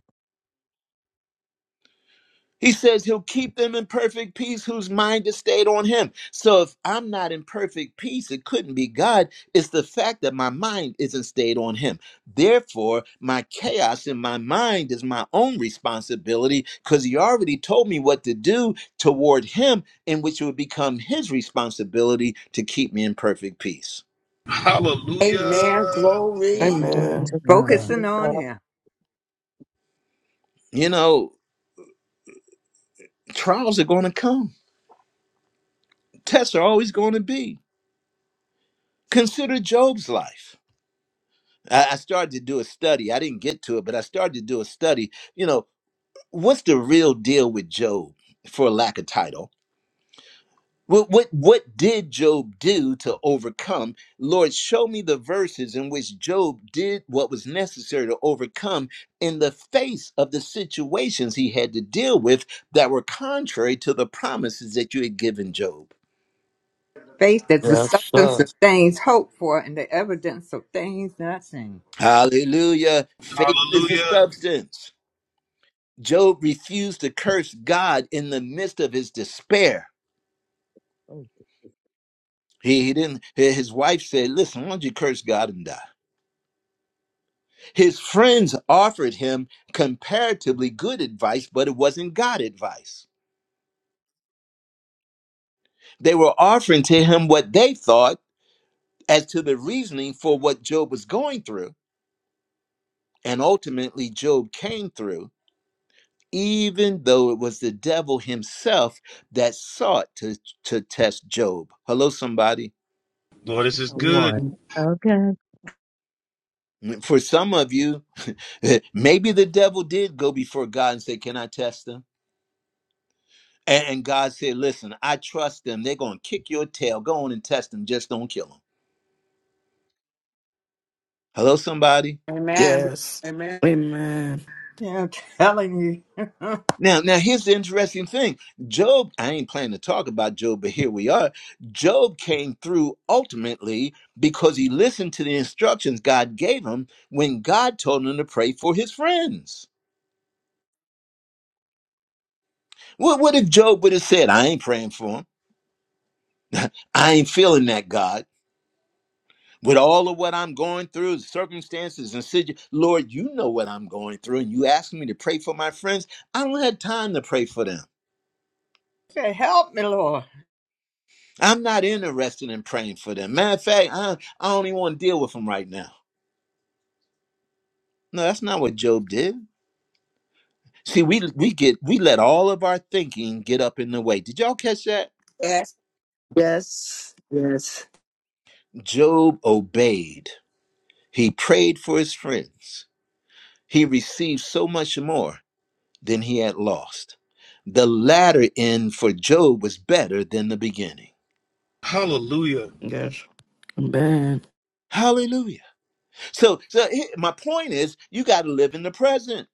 He says he'll keep them in perfect peace whose mind is stayed on him. So if I'm not in perfect peace, it couldn't be God. It's the fact that my mind isn't stayed on him. Therefore, my chaos in my mind is my own responsibility because he already told me what to do toward him, in which it would become his responsibility to keep me in perfect peace.
Hallelujah.
Amen. Glory.
Glory
Amen.
to God.
Focusing
Amen.
on him.
You know, trials are going to come Tests are always going to be. Consider Job's life. I, I started to do a study. I didn't get to it, but I started to do a study. You know, what's the real deal with Job, for lack of title? What, what what did Job do to overcome? Lord, show me the verses in which Job did what was necessary to overcome in the face of the situations he had to deal with that were contrary to the promises that you had given Job.
Faith is the
Yes,
substance
sir.
of things hoped for and the evidence of things not seen.
Hallelujah. Faith is the
Hallelujah.
substance. Job refused to curse God in the midst of his despair.
Oh,
He, he didn't. His wife said, "Listen, why don't you curse God and die?" His friends offered him comparatively good advice, but it wasn't God advice. They were offering to him what they thought as to the reasoning for what Job was going through, and ultimately Job came through, even though it was the devil himself that sought to to test Job. Hello, somebody.
Lord, this is
come
good.
on. Okay.
for some of you, maybe the devil did go before God and say, Can I test them? And, and God said, Listen, I trust them. They're going to kick your tail. Go on and test them. Just don't kill them. Hello, somebody?
Amen.
Yes.
Amen.
Amen.
Yeah, I'm telling you.
Now, now here's the interesting thing. Job, I ain't planning to talk about Job, but here we are. Job came through ultimately because he listened to the instructions God gave him when God told him to pray for his friends. What, what if Job would have said, I ain't praying for him? I ain't feeling that God. with all of what I'm going through, circumstances and situ- Lord, you know what I'm going through, and you ask me to pray for my friends. I don't have time to pray for them.
Say, Help me, Lord.
I'm not interested in praying for them. Matter of fact, I, I don't even want to deal with them right now. No, that's not what Job did. See, we we get we let all of our thinking get up in the way. Did y'all catch that?
Yes.
Yes. Yes.
Job obeyed. He prayed for his friends. He received so much more than he had lost. The latter end for Job was better than the beginning.
Hallelujah.
Yes. Amen.
Hallelujah. So, so he- my point is, you got to live in the present.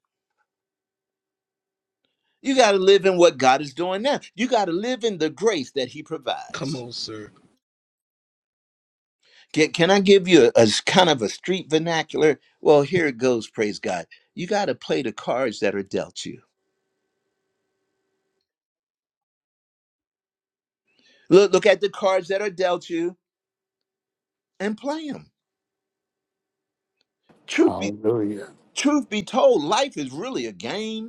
You got to live in what God is doing now. You got to live in the grace that He
Come
provides.
on, sir.
Can, can I give you a a kind of a street vernacular? Well, here it goes. Praise God. You got to play the cards that are dealt you. Look, look at the cards that are dealt you and play them. Truth be,
Hallelujah.
truth be told, life is really a game.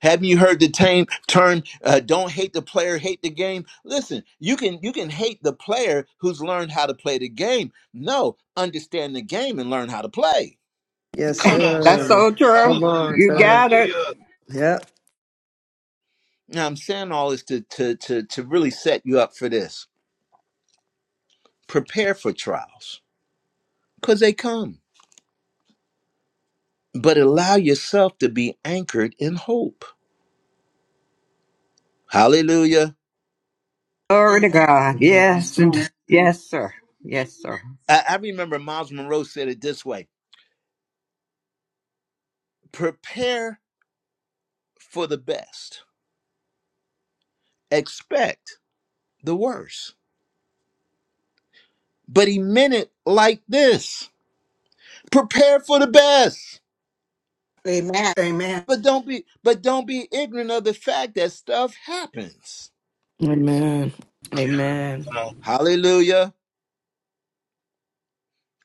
Haven't you heard the tame term uh, "Don't hate the player, hate the game"? Listen, you can you can hate the player who's learned how to play the game. No, understand the game and learn how to play.
Yes,
Come on,
That's
sir.
sir.
so true.
Come
Hallelujah.
on,
You
sir.
got it.
Hallelujah.
Yep.
Now, I'm saying all this to to to to really set you up for this. Prepare for trials because they come, but allow yourself to be anchored in hope. Hallelujah.
Glory to God.
mm,
Yes. And yes, sir. Yes, sir.
I, I remember Miles Monroe said it this way: Prepare for the best, expect the worst. but he meant it like this prepare for the best
Amen. Amen.
but don't be but don't be ignorant of the fact that stuff happens
Amen. Amen.
Come on.
hallelujah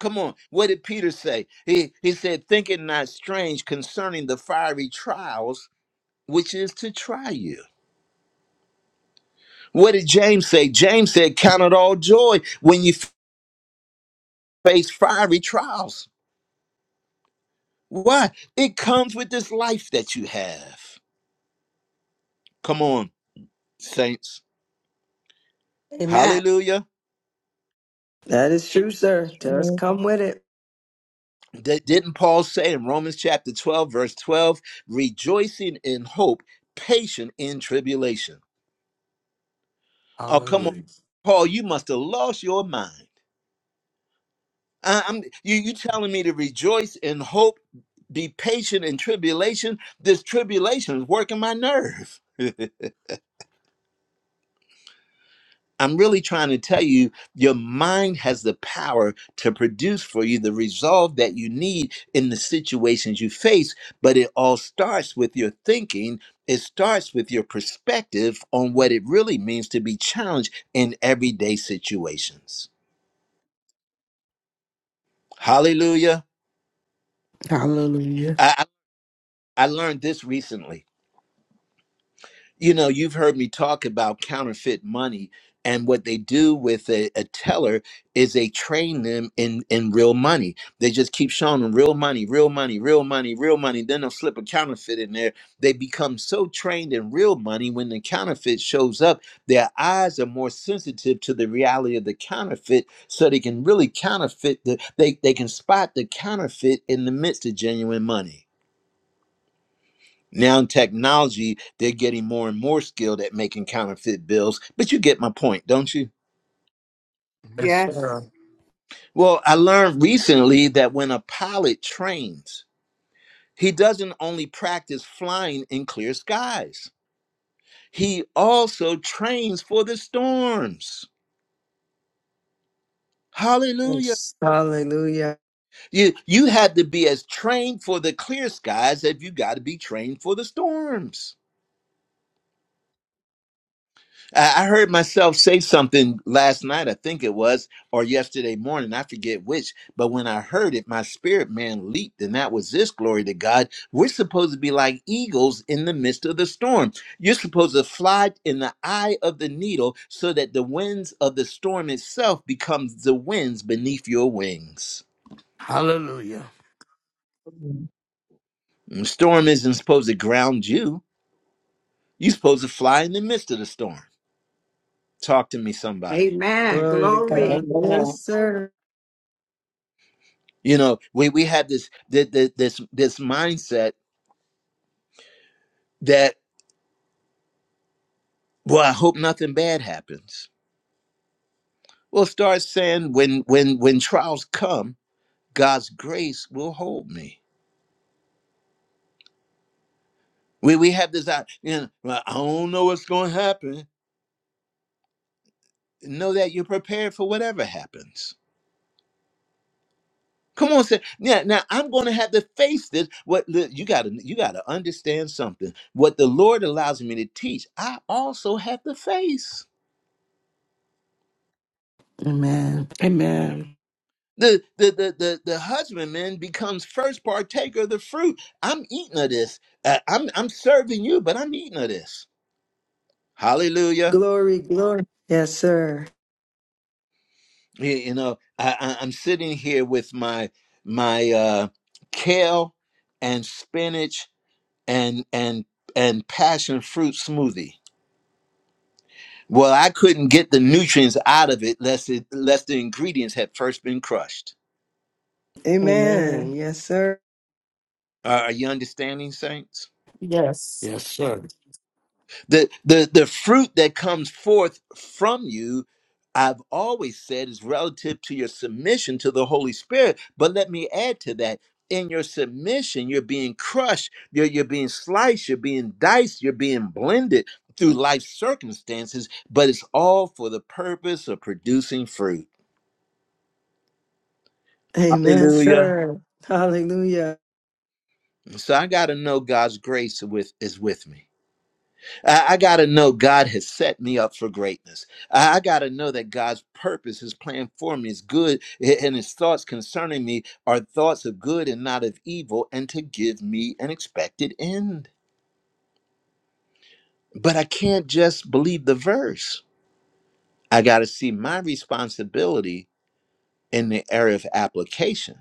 come on what did peter say he he said think it not strange concerning the fiery trials which is to try you what did james say james said count it all joy when you face fiery trials why it comes with this life that you have come on saints
Amen.
hallelujah
That is true, sir. Just
true.
come with it.
Di- Didn't Paul say in Romans chapter 12, verse 12, rejoicing in hope, patient in tribulation? Oh, come on.
Hallelujah.
Paul, you must have lost your mind. I- I'm, you, you telling me to rejoice in hope, be patient in tribulation? This tribulation is working my nerve. I'm really trying to tell you, your mind has the power to produce for you the resolve that you need in the situations you face. But it all starts with your thinking, it starts with your perspective on what it really means to be challenged in everyday situations. Hallelujah.
Hallelujah.
I, I I learned this recently You know, you've heard me talk about counterfeit money, and what they do with a, a teller is they train them in in real money. They just keep showing them real money, real money, real money, real money. Then they'll slip a counterfeit in there. They become so trained in real money when the counterfeit shows up, their eyes are more sensitive to the reality of the counterfeit, so they can really counterfeit the they they can spot the counterfeit in the midst of genuine money. Now in technology, they're getting more and more skilled at making counterfeit bills, but you get my point, don't you?
Yes,
Yes.
sir.
Well, I learned recently that when a pilot trains, he doesn't only practice flying in clear skies, he also trains for the storms. Hallelujah.
Yes. Hallelujah.
You you have to be as trained for the clear skies as you got to be trained for the storms. I I heard myself say something last night, I think it was, or yesterday morning, I forget which, but when I heard it, my spirit man leaped, and that was this glory to God. We're supposed to be like eagles in the midst of the storm. You're supposed to fly in the eye of the needle so that the winds of the storm itself becomes the winds beneath your wings.
Hallelujah.
Amen.
the storm isn't supposed to ground you, you're supposed to fly in the midst of the storm. Talk to me, somebody.
Yes,
Amen.
Glory to
sir.
Glory.
God. Yes,
Amen.
sir.
You know, we we have this this this this mindset that well, I hope nothing bad happens. Well, start saying when when when trials come, God's grace will hold me. We we have this I You know, "Well, I don't know what's going to happen. Know that you're prepared for whatever happens. Come on, say yeah. Now I'm going to have to face this. What look, you got to you got to understand something. What the Lord allows me to teach, I also have to face.
Amen. Amen.
The the the the, the husbandman becomes first partaker of the fruit. I'm eating of this. Uh, I'm I'm serving you, but I'm eating of this. Hallelujah.
Glory, glory. Yes, sir.
You, you know, I, I I'm sitting here with my my uh kale and spinach and and and passion fruit smoothie. Well, I couldn't get the nutrients out of it lest it lest the ingredients had first been crushed.
Amen.
Amen.
Yes, sir.
are are you understanding, saints?
Yes.
Yes, sir.
the the the fruit that comes forth from you i've always said is relative to your submission to the holy spirit but let me add to that in your submission you're being crushed you're, you're being sliced you're being diced you're being blended through life circumstances but it's all for the purpose of producing fruit
Amen,
hallelujah
sir. Hallelujah.
so i got to know god's grace with is with me I, I got to know God has set me up for greatness. I, I got to know that God's purpose, His plan for me is good, a- and His thoughts concerning me are thoughts of good and not of evil, and to give me an expected end. But I can't just believe the verse. I got to see my responsibility in the area of application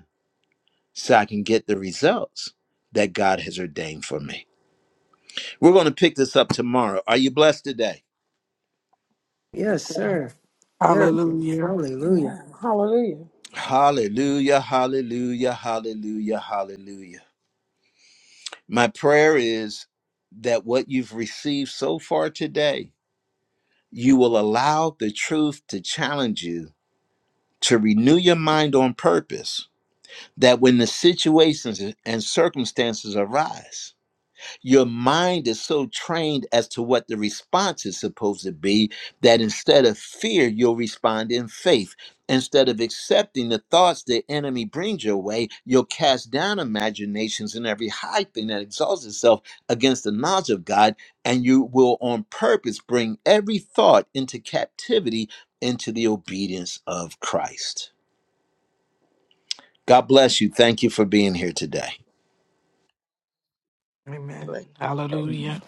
so I can get the results that God has ordained for me. We're going to pick this up tomorrow. Are you blessed today?
Yes,
Yes,
sir.
sir. There it is.
Hallelujah.
Hallelujah.
Hallelujah.
Hallelujah, hallelujah, hallelujah, hallelujah. My prayer is that what you've received so far today, you will allow the truth to challenge you, to renew your mind on purpose, that when the situations and circumstances arise, your mind is so trained as to what the response is supposed to be that instead of fear, you'll respond in faith. Instead of accepting the thoughts the enemy brings your way, you'll cast down imaginations and every high thing that exalts itself against the knowledge of God, and you will on purpose bring every thought into captivity into the obedience of Christ. God bless you. Thank you for being here today.
Amen.
Bless you.
Hallelujah.
Amen.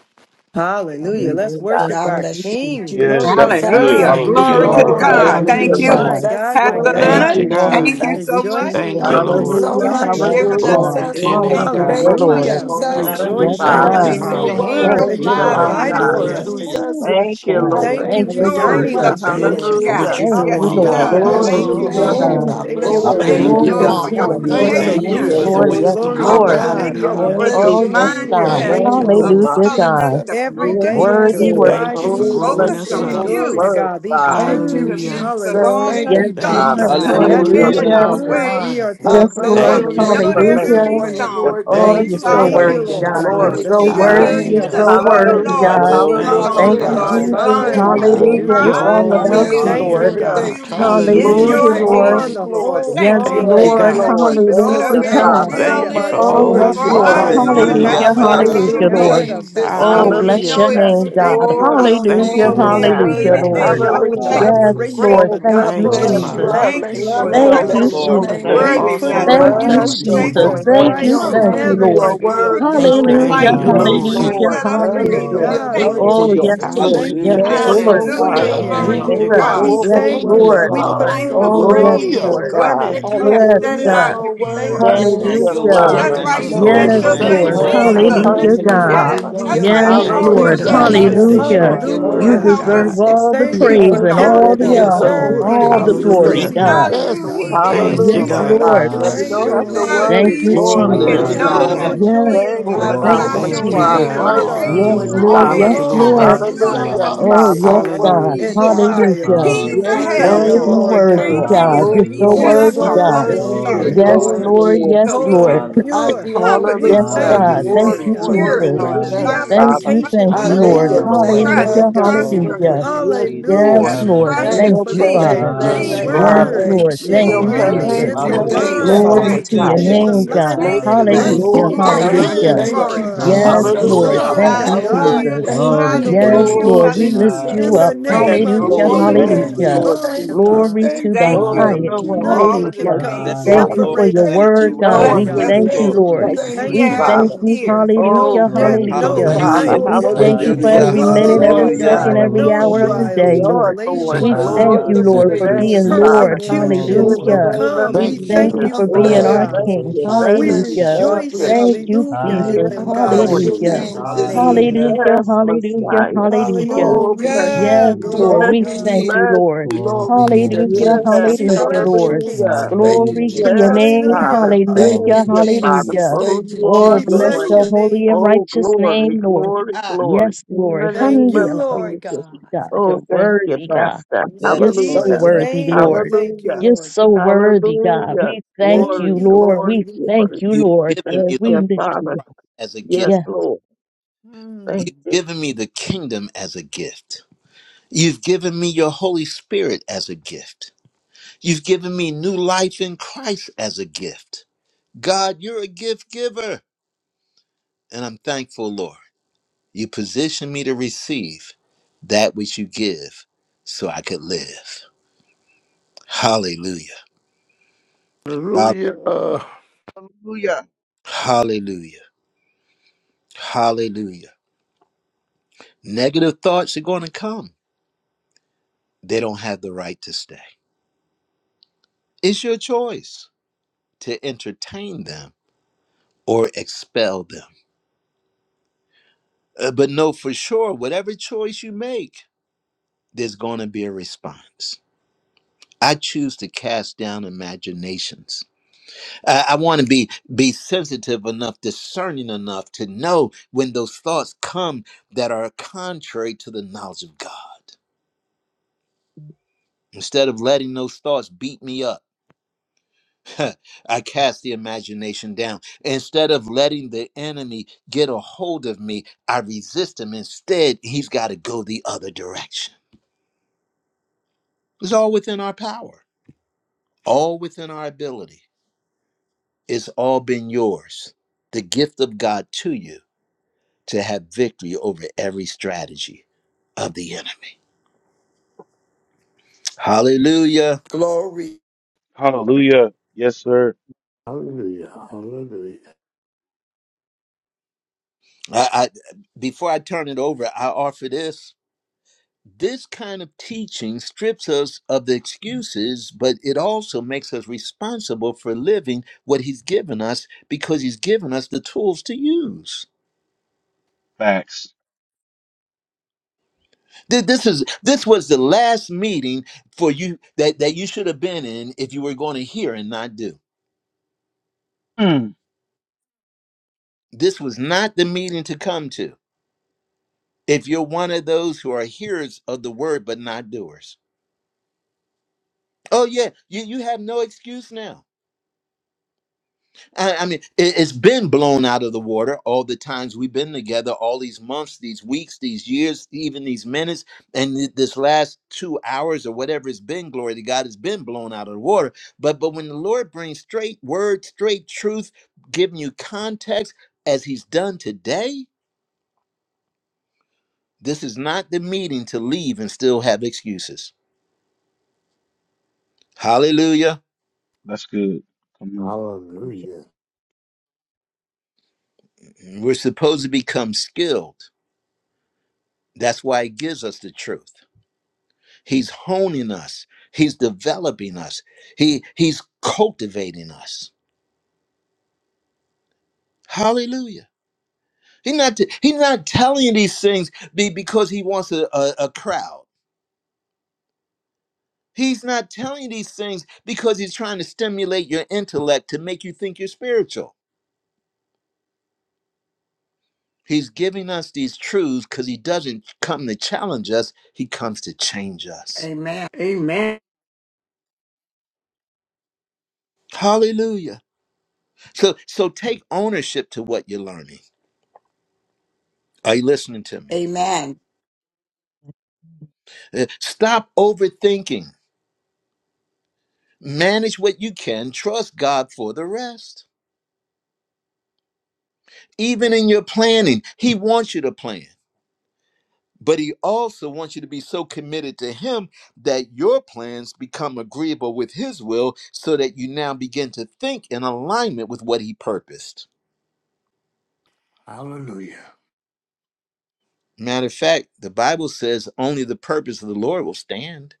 Hallelujah.
Praise
Let's
to
Hallelujah.
God.
worship
God
Thank
our
you,
bless you,
Jesus.
King.
you
Yes,
Glory
that
to
was good.
Jesus.
Hallelujah.
Thank
God.
you,
Thank you,
Hallelujah.
Glory
Come
to
Amen.
Lord.
on.
Oh,
Lord.
Hallelujah.
God.
thank
Thank
you,
Hallelujah,
Thank
you,
you,
Hallelujah.
Lord.
My
God.
Jesus.
God, my
Pastor
Lord,
Thank
Yes,
Thank
thank
Leonard.
you,
God.
you,
you,
Lord.
God.
Thank
Jesus.
you
Thank
Jesus.
you,
so much
Rejoicing
Thank
Jesus.
you,
for
over
Thank you
the
Lord.
new
so
what
Hallelujah.
much,
you've
mind
Yes,
we
Lord
given
have.
us
Hallelujah.
God.
Glory to
Jesus.
today.
your
Oh,
name,
Thank you
God
God.
Hallelujah,
so
Thank
bless
you,
much.
Lord.
your
Hallelujah. We
holy
Jesus.
name,
Yes,
rejoice,
Hallelujah.
Oh,
Thank
Tell
Lord
Father.
you,
you're
God.
you,
God, for
because
so
the
Hallelujah.
the
Father.
Thank
word
eagle
worthy.
Thank
that
you,
You're
you,
you
flies
Lord.
Hallelujah.
high,
worthy,
provided for
Lord
Messiah.
Hallelujah.
us today.
Hallelujah.
Oh,
Jesus.
yes,
Thank you,
We
God.
I
Lord.
he
thank
Thank
you
thank you
for
you,
so
soars
dining
Jesus.
Hallelujah.
up
with
much,
in
you,
the
Thank
Lord
you
Lord
for
sky.
what
Hallelujah.
God.
you're
Jesus.
Thank
Yes,
you,
doing,
he
Lord.
I
does.
God.
Hallelujah.
bless
Glory
Thank
your
you,
to
Hallelujah.
Hallelujah,
your
Hallelujah.
Oh,
Lord.
Praise
name.
we
God.
the
I
name.
thank you,
bless
Lord.
your
Glory
Lord
to
Thank
Thank
your
Thank
God.
you,
you,
Glory
you,
name
Lord,
name,
Hallelujah,
for
this
to
Lord.
your
Father.
your
morning,
Father.
for
Thank
hallelujah,
Lord
you,
For
name.
Thank
Yes,
you
you are
for
creation.
Jesus.
the
Lord.
hallelujah,
solutions.
Yes,
worthy,
Glory to
wisdom.
teaching
Lord,
Lord.
Lord.
this
God.
thank
Hallelujah.
morning.
you
I
Hallelujah.
for
Thank
bless
your
Hallelujah.
you,
Oh,
your
yes,
We are
Jesus.
God.
name,
Thank
mindset
you,
Thank
Thank
you,
grateful,
you,
Lord.
of
Lord.
Lord.
Jesus,
Hallelujah,
Father.
telling us
God.
to
Jesus.
Every
Yes,
focus
day
Mm,
we
on
mm,
can
Yes,
Worthy,
you.
worthy.
mm.
Lord.
Lord
apply
Thank you for
these
Oh, bless
growing
Jesus,
Focus
us
your
solutions.
on
up.
holy
Glory
you.
to
Jesus.
word,
God. These
on
Father.
Thank you,
through the
truths.
Hallelujah.
midst of
Jesus.
all
Thank
Thank
these
Hallelujah.
you,
Yes,
you,
Thank
storms
you,
Lord,
Father.
Oh,
Jesus.
that
And
are
Thank
God.
that
you
Lord,
Thank
is
you,
for
help
the
headed
your
me
Hallelujah.
be
our
hallelujah.
comfort.
Jesus.
word.
way.
We are
mindful.
I
so
Thank
Yes,
you
bless
for
Lord,
Lord,
humbly
your
Thank
we
you,
the
know
name
grateful
there are
God.
this
going to
for it,
be
hallelujah.
information,
morning,
Lord.
the
storms,
Lord
Oh,
but
We
Thank
you're
you
you
for
Jesus.
so
are
your
thank you,
the,
worthy,
transformation.
Lord
I
patience,
God.
God,
You're
with
the
Glory
Lord.
the
so
to
praise
King of
your
God.
worthy.
sincerity
Kings
You're
name
and
of
Hallelujah.
the
our
so
this
Lord of
heart.
Oh,
worthy,
morning.
Hallelujah,
Lords
God.
yes,
in
oh,
these
Glory,
Thank
yes,
you,
Thank
oh,
storms,
glory,
Hallelujah.
you,
hallelujah,
Hallelujah,
yes,
Our
Lord.
Father.
As
glory,
oh,
Jesus.
long
yes.
as
Sunday,
mind
glory,
we
is
keep
God.
our
glory.
Hallelujah
Hallelujah.
You're
renewed.
It's
to
hallelujah,
the
all
eyes
Lamb
We
of
on
about
always
you,
Yes,
you,
God.
thank
Lord.
you,
there,
Thank
Lord.
hallelujah.
you,
God.
Thank
God.
we'll
you,
thank
be
you,
We
in
Jesus.
Hallelujah.
Hallelujah,
Glory,
take
your
Thank
Jesus.
you,
Lord.
on
glory,
hands,
the
Lord.
glory.
Jesus.
whole
Thank
Yes,
you,
armor
Thank
Yes,
and
you,
Thank
Lord.
put
Jesus.
you,
God.
that,
Lord.
keep it
Hallelujah,
Thank
Jesus.
on.
you,
Whatever
Thank
your
you
God.
Father.
so
will
Thank
Hallelujah.
you for
is
much,
Oh,
You
Lord
yes,
Thank
Our
always
for
you,
Lord.
us,
are the
Lord
Jesus.
providing
mind,
the
Lord,
one
Jesus.
that's
of
Hallelujah,
Hallelujah,
I
answer,
what it's
hallelujah.
bless
God.
going to
your
hallelujah,
Hallelujah.
hallelujah.
Lord.
Helmet
be.
of
And as
name this
Oh,
long as
salvation.
we
morning,
bless
Hallelujah.
know
your
it's
Hallelujah.
We
name,
with
Jesus.
thank
God.
you,
you. Our
Glory,
Your
feet
Thank
Hallelujah,
we
name
you,
glory,
is
Glory
can't
Lord.
to your
be
hallelujah,
Master.
name,
are
worthy,
anything
Lord.
but
Jesus.
sharp
Lord
with the
Hallelujah.
Hallelujah.
Yes,
thankful,
Hallelujah,
Jesus.
preparation
Lord.
of
Lord.
Oh,
the
grateful.
Thank
I
bless,
you,
gospel.
Thank you,
bless,
bless
We
Glory
you.
Father.
Jesus.
I
to
bless,
your
thank
Thank
you,
you
name.
bless
bless
you.
for
I
Lord
Thank
your
Glory,
such a
you,
God.
bless
holy,
your
Hallelujah,
glory,
holy
Lord.
Jesus.
name
name.
We
glory,
worthy
this
put
Awesome
glory.
Thank
message,
on
morning,
God.
you,
Bless
Thank
Glory
you,
Lord.
you
to
Jesus.
your
your
for
Thank
Jesus.
your
you
holy
name,
Jesus
for the
Thank
Jesus.
name,
you,
Christ,
Your
grace.
truth.
and
thank
Father, for
you,
name
never
you
is
are
Lord.
take
The
Hallelujah,
you
Lord.
off.
truth
worthy.
worthy,
is
Thank you
the
for
Lord
Thank
Hallelujah,
your
light,
you,
Yes,
Hallelujah.
and it
Jesus.
Lord.
mercy.
shall
Hallelujah,
hallelujah,
Lord.
set us
Lord.
Glory
Thank
free,
to
Glory
hallelujah.
you.
Lord.
Hallelujah,
to
God.
your
Thank
Thank
you
Lord
you,
Thank
name,
for
Oh,
you.
your
Jesus.
yes,
Jesus.
We
Jesus.
Lord.
thank
patience,
you.
Yes,
Hallelujah.
We
your
You're
have
Thank
Hallelujah.
on the
you,
so
Lord.
new
Hallelujah.
Father.
understanding,
man.
worthy,
Glory
your
Thank
to
you,
Thank you
Lord.
Jesus.
Hallelujah,
God.
You're
God.
We
for
Yes,
Lord.
so
thank you,
obedience,
unending
Lord.
Lord.
worthy.
We
Father.
put
You're
love.
Life
on
so
the
is
Oh,
Hallelujah,
yes,
Lord.
Glory
worthy,
praise,
Hallelujah.
the
wh-
to
Lord.
Glory
what
to
Lord.
God.
your
garment.
what you
name,
have
Yes,
Jesus.
set
You're
it
Hallelujah.
Hallelujah.
God.
out to
We
so
be
thank
for us,
you,
worthy.
Thank
You're
Lord.
Thank
Lord.
you,
Hallelujah,
you,
so
Uh,
You
Lord.
Hallelujah.
Lord.
That's
Father.
Strengthen
Thank
why
bless
We
us,
you,
worthy,
us
you
Thank
Lord.
Lord.
you
sent
bless
Lord
your
Yes,
for
your
mightily,
the
Thank you,
son
Strengthen
name,
Lord.
us,
Hallelujah,
Lord.
Lord.
plan
Lord,
Lord.
Jesus.
and
Lord.
that
the
in
We
the
Jesus.
may
Hallelujah,
Glory
midst
purpose,
to
You're
of
use
your
Hallelujah.
what
God.
it.
we
Yes,
name,
Father.
worthy
learned
that's
of
Jesus.
why
Yes,
you
all
today,
Thank
sent
you for
your
Lord.
the
Hallelujah.
son
praises
today.
Glory to
Hallelujah.
this
Jesus,
your
manifestation
Hallelujah.
Hallelujah.
name.
of
Lord,
your
morning,
Thank
You
to
Lord
Hallelujah.
word,
you,
help us
deserve
Hallelujah,
God.
get
Jesus.
all
Jesus.
the
through
Thank you
these
hallelujah,
for
praise
You're
Thank
and
you,
storms,
all
Lord,
counting
as
Lord.
worthy
the
hallelujah,
us
we
of
Yes,
honor
all
and
submit
Lord.
worthy
hallelujah,
When
to
to
all
our
Lord.
we
the
go
praises
glory,
through
Hallelujah.
Hallelujah.
this
these
Lord.
you.
God.
acknowledge
morning,
things,
We
who
thank
Yes,
God.
he
Lord
is,
Thank
yes,
you,
Yes,
We
Hallelujah,
you,
Jesus.
Lord,
Jesus.
God.
Father.
bless
Lord.
Lord.
your
That we
Bless
name
as
don't
your
have
Hallelujah,
for
to
it,
far
Lord.
as
Lord.
Thank
worry.
name
we
you,
this
Glory
Glory.
We
to
can
morning,
Jesus.
count
know
it
God.
Hallelujah,
Hallelujah.
Hallelujah.
all
that
Lord.
Lord.
Yes,
he
joy,
is
Thank
the
Lord
you,
Lord.
I
God.
Thank
Father,
Glory
Messiah
you,
bless
for
to
Um,
your
Thank
you
your
you,
We
and
are a
you
name,
he
Jesus.
God.
was
name
count it
Jesus.
this
perfect
are,
all
raised
you
peace,
Yes,
joy.
Hallelujah.
from the
morning,
when
Lord.
We
are.
Father.
Thank
Yes,
Lord
you,
dead.
fall
Lord.
into
Lord.
these
Jesus.
Hallelujah.
divers
Hallelujah,
Hallelujah.
of
Hallelujah,
You
Oh,
Lord.
Father.
yes,
so
temptations
Thank
Hallelujah.
God.
He
you,
worthy,
and
just
Jesus.
God.
took the
Hallelujah.
trials.
Amen.
You
keys
Yes,
We
of
Hallelujah,
hell,
Yes,
worthy
Lord.
thank
Worthy,
you,
Lord.
of
Lord,
Yes,
all
and
Lord
worthy,
God,
came
Lord.
to
God.
praises.
you,
Oh,
Just
and He
so
for
Hallelujah,
You
sent
your
glory.
us
Lord.
worthy,
so
the
word
God.
Holy
is
Thank
worthy,
you.
Glory
Spirit,
solid
to
Yes,
your
Lord,
Thank
Lord
name,
you,
Lord.
Lord
Yes,
Jesus.
so we
Jesus.
Jesus.
Lord.
whole,
can
I
be
Hallelujah.
pure. We
comforted
Yes,
glorify
Hallelujah.
thank
through
you
you
God.
yes,
this,
Hallelujah,
Thank
for
His
this
it,
Glory,
you,
Lord.
God.
morning,
glory
It's
Spirit,
Jesus.
to
Lord
Lord,
your
as
the
name,
long as
Thank
we
Hallelujah,
Jesus.
Father.
you,
trust
Lord.
thank
application
I
in
you,
Him.
we
Lord.
Thank
lift
Lord.
you,
your
use,
Lord.
Hallelujah,
name
glory
Trust,
to
Thank
Hallelujah,
up
Lord.
Yes,
you,
God.
trust,
this
Glory
trust.
Lord.
to your
Jesus.
hallelujah.
morning,
name,
Yes,
Jesus.
We
Hallelujah.
Yes,
got
Lord.
Jesus.
Yes,
to
We
Lord.
Lord.
trust
In
Hallelujah.
thank
and
you
Thank
Thank
your
for
you,
you,
the
precious
believe.
Father.
thank
truth.
you,
The
name,
Yes,
Believe
thank
in Him.
Yes,
you,
Hallelujah,
Lord.
Father.
word
thank
Lord.
Lord.
Yes,
you.
In
is
Thank
your
Believe
you,
Lord.
in you,
Yes,
living,
precious
Thank
Jesus.
it's
Lord.
you,
Hallelujah,
Lord.
name,
thank
Lord.
Hallelujah.
Yes.
Jesus,
you,
alive,
Glory
Jehovah
Glory
thank
thank
to
to
you,
your
you.
Hallelujah.
your
and
name,
Jireh.
it's
name,
Jesus.
Jesus.
alive
God.
Glory,
Thank
within
you, Lord.
Hallelujah.
Thank
us.
Hallelujah.
you,
Boom,
We
glory.
a
Glory,
thank
God.
thank
you,
hand.
you,
Hallelujah.
Hallelujah.
thank
glory to
you,
Lord.
God.
Yes,
Glory to your
Jesus.
Lord.
name,
Hallelujah.
Hallelujah.
Glory
Thank
to
you,
Jesus.
Thank
God.
you,
Hallelujah,
Jesus.
Hallelujah.
thank
Apply
Glory
the
you,
to
Thank
your
you,
Yes,
name,
thank
word
hallelujah,
you,
Lord.
Jesus.
We
Glory.
Jesus.
lift
hallelujah.
you
in
Oh,
We
Jesus.
the
up.
Hallelujah,
Thank
Lord.
Yes,
praise
name
you,
of
Hallelujah.
your
Holy
Lord.
holy
Ooh,
Thank
name,
Spirit.
you,
Jesus.
Glory
thank
to
Hallelujah.
you,
your
Lord
Lord.
Glory
name,
to
Yes.
thank
Jesus.
Jesus.
you,
God.
Glory
We
thank
to the
thank
you,
you,
Oh,
Lord,
thank
no
highest.
Hallelujah.
for
one
you.
loves
all
Nothing
of
us
the
can
like
Hallelujah.
come
you,
and
Thank
things that
Thank
you,
you
you
Father.
Hallelujah,
for
Lord.
Ooh,
separate
your
Lord.
us
Thank
from
thank
word,
you,
you,
you,
No
God.
Lord.
Lord
thank
one
We
Thank
blessed
Glory
you,
gives
to
us
God.
you,
us
thank
your
you,
to
thank
Lord.
name,
peace
you,
Lord.
like
We
Jesus.
Thank
thank
you,
thank
We
you,
you
you.
hear and
thank
Father.
for it,
you.
Jesus.
hear.
Jesus. No
Oh,
Hallelujah.
Thank
depth,
Glory
thank
you,
to
Lord.
you,
your
no
Hallelujah.
You're
name,
Thank
Father.
you.
Hallelujah.
height.
so
We
Jesus.
thank
Thank
you
Hallelujah
you.
for
worthy,
for
Hallelujah.
Hallelujah,
you're
every
Thank
Lord.
you.
who
so
you
minute,
Glory
Thank
to
every
are,
you.
Hallelujah.
worthy,
second,
God.
Father.
every
Glory
Lord
No
to
And
your
Jesus.
hour of the
who
name,
we
trials,
day,
Jesus.
are,
Lord.
You're
Lord.
We
Thank
tribulations,
worthy
you.
thank
of
Glory
you,
the
to
Lord,
your
Thank
Hallelujah,
for
you.
Lord.
name,
praises
being
Thank
this
you.
Lord.
Father. In
morning,
Glory to
persecutions
your
the
will
Lord.
Hallelujah.
name,
name of
come.
We
We
Thank
Jesus.
thank
thank
you
you.
Jesus.
you
I
for
for them,
being
Oh,
bless
Thank
our
you.
you.
God.
thank
King.
Hallelujah,
Thank
you,
you.
I
Lord.
We
thank
Thank
you,
you.
bless
Hallelujah.
you.
Thank
I
thank you.
rejoice,
you.
bless
Thank
you.
you,
hallelujah, in
Jesus.
I
them,
Yes,
Hallelujah,
God,
Lord.
Lord
bless
in
your
Hallelujah.
Hallelujah.
Jesus.
name
Jesus'
this
name.
Hallelujah,
Hallelujah.
morning.
Lord.
Hallelujah.
Yes,
Glory to your
Hallelujah.
name,
Messiah.
Jesus.
Hallelujah.
Oh, bless
Glory,
Yes,
Hallelujah.
you,
Hallelujah,
Glory
Lord.
to
bless
We
Lord.
you,
God.
thank
glory,
you,
bless
Lord.
you.
Glory to
glory
your
be
name,
to
Hallelujah.
Jesus.
Yes,
Jesus.
We
Thank
Hallelujah,
you,
bless you,
Lord.
King.
hallelujah.
Jesus. Thank you,
Hallelujah,
Glory to
Lord.
your
Yes,
Jesus.
name.
Father.
Hallelujah.
Thank
Glory
Thank
Hallelujah.
you,
to your
Hallelujah.
you,
name,
Father,
Jesus.
Hallelujah.
Jesus.
for who
Thank you,
you
Oh,
are,
We
bless
Lord.
Jesus.
bless
your
your
Woo.
Thank-
holy
name,
and
Lord.
Oh,
righteous
glory,
name, Lord.
glory,
Ah,
glory.
Yes,
In
Lord.
the
Thank
name
you,
of
Hallelujah.
Lord
Jesus.
God.
God,
Oh,
you're
thank you,
worthy, God.
Master.
It's
yes,
in
You're so
Lord.
Hallelujah.
Jesus'
Yes,
worthy,
name
Lord.
we
Lord.
thank you,
Hallelujah.
You're
Lord
so
God.
worthy, God.
Hallelujah.
We thank
Thank
you,
Glory,
you.
Lord. We
glory,
thank
Hallelujah.
glory.
you,
You've
Lord.
given
Thank
me the
We
you,
mind
lift
Father.
you up.
as a gift.
Yes,
Yes,
Lord.
Mm.
Thank
You've
you.
given me the kingdom as a gift. You've given me your Holy Spirit as a gift. You've given me new life in Christ as a gift. God, you're a gift giver. And I'm thankful, Lord. You position me to receive that which you give so I could live. Hallelujah. Hall-
Hallelujah.
Hallelujah.
Hallelujah. Hallelujah. Negative thoughts are going to come, they don't have the right to stay. It's your choice. to entertain them or expel them. Uh, but know for sure, whatever choice you make, there's going to be a response. I choose to cast down imaginations. I, I want to be be sensitive enough, discerning enough to know when those thoughts come that are contrary to the knowledge of God. Instead of letting those thoughts beat me up. I cast the imagination down. Instead of letting the enemy get a hold of me, I resist him. Instead, he's got to go the other direction. It's all within our power, all within our ability. It's all been yours, the gift of God to you to have victory over every strategy of the enemy. Hallelujah.
glory.
Hallelujah. Yes, sir.
Hallelujah. Hallelujah.
I, I before I turn it over, I offer this. this kind of teaching strips us of the excuses, but it also makes us responsible for living what he's given us because he's given us the tools to use.
Facts.
Th- This is this was the last meeting for you that, that you should have been in if you were going to hear and not do.
Mm,
This was not the meeting to come to. If you're one of those who are hearers of the word but not doers. Oh yeah, you, you have no excuse now. I, I mean, it, it's been blown out of the water all the times we've been together, all these months, these weeks, these years, even these minutes, and th- this last two hours or whatever it's been. Glory to God, it's been blown out of the water. But but when the Lord brings straight word, straight truth, giving you context as He's done today, this is not the meeting to leave and still have excuses. Hallelujah.
that's good. Come on.
Hallelujah.
We're supposed to become skilled. That's why He gives us the truth. He's honing us. He's developing us. He he's cultivating us. Hallelujah. He's not he's not telling you these things be, because he wants a, a, a crowd. He's not telling you these things because he's trying to stimulate your intellect to make you think you're spiritual. He's giving us these truths because he doesn't come to challenge us, he comes to change us.
Amen. Amen.
Hallelujah. So so take ownership to what you're learning. Are you listening to me?
Amen.
Uh, Stop overthinking Manage what you can, trust God for the rest. Even in your planning, He wants you to plan, but He also wants you to be so committed to Him that your plans become agreeable with His will so that you now begin to think in alignment with what He purposed.
Hallelujah.
Matter of fact, the Bible says only the purpose of the Lord will stand.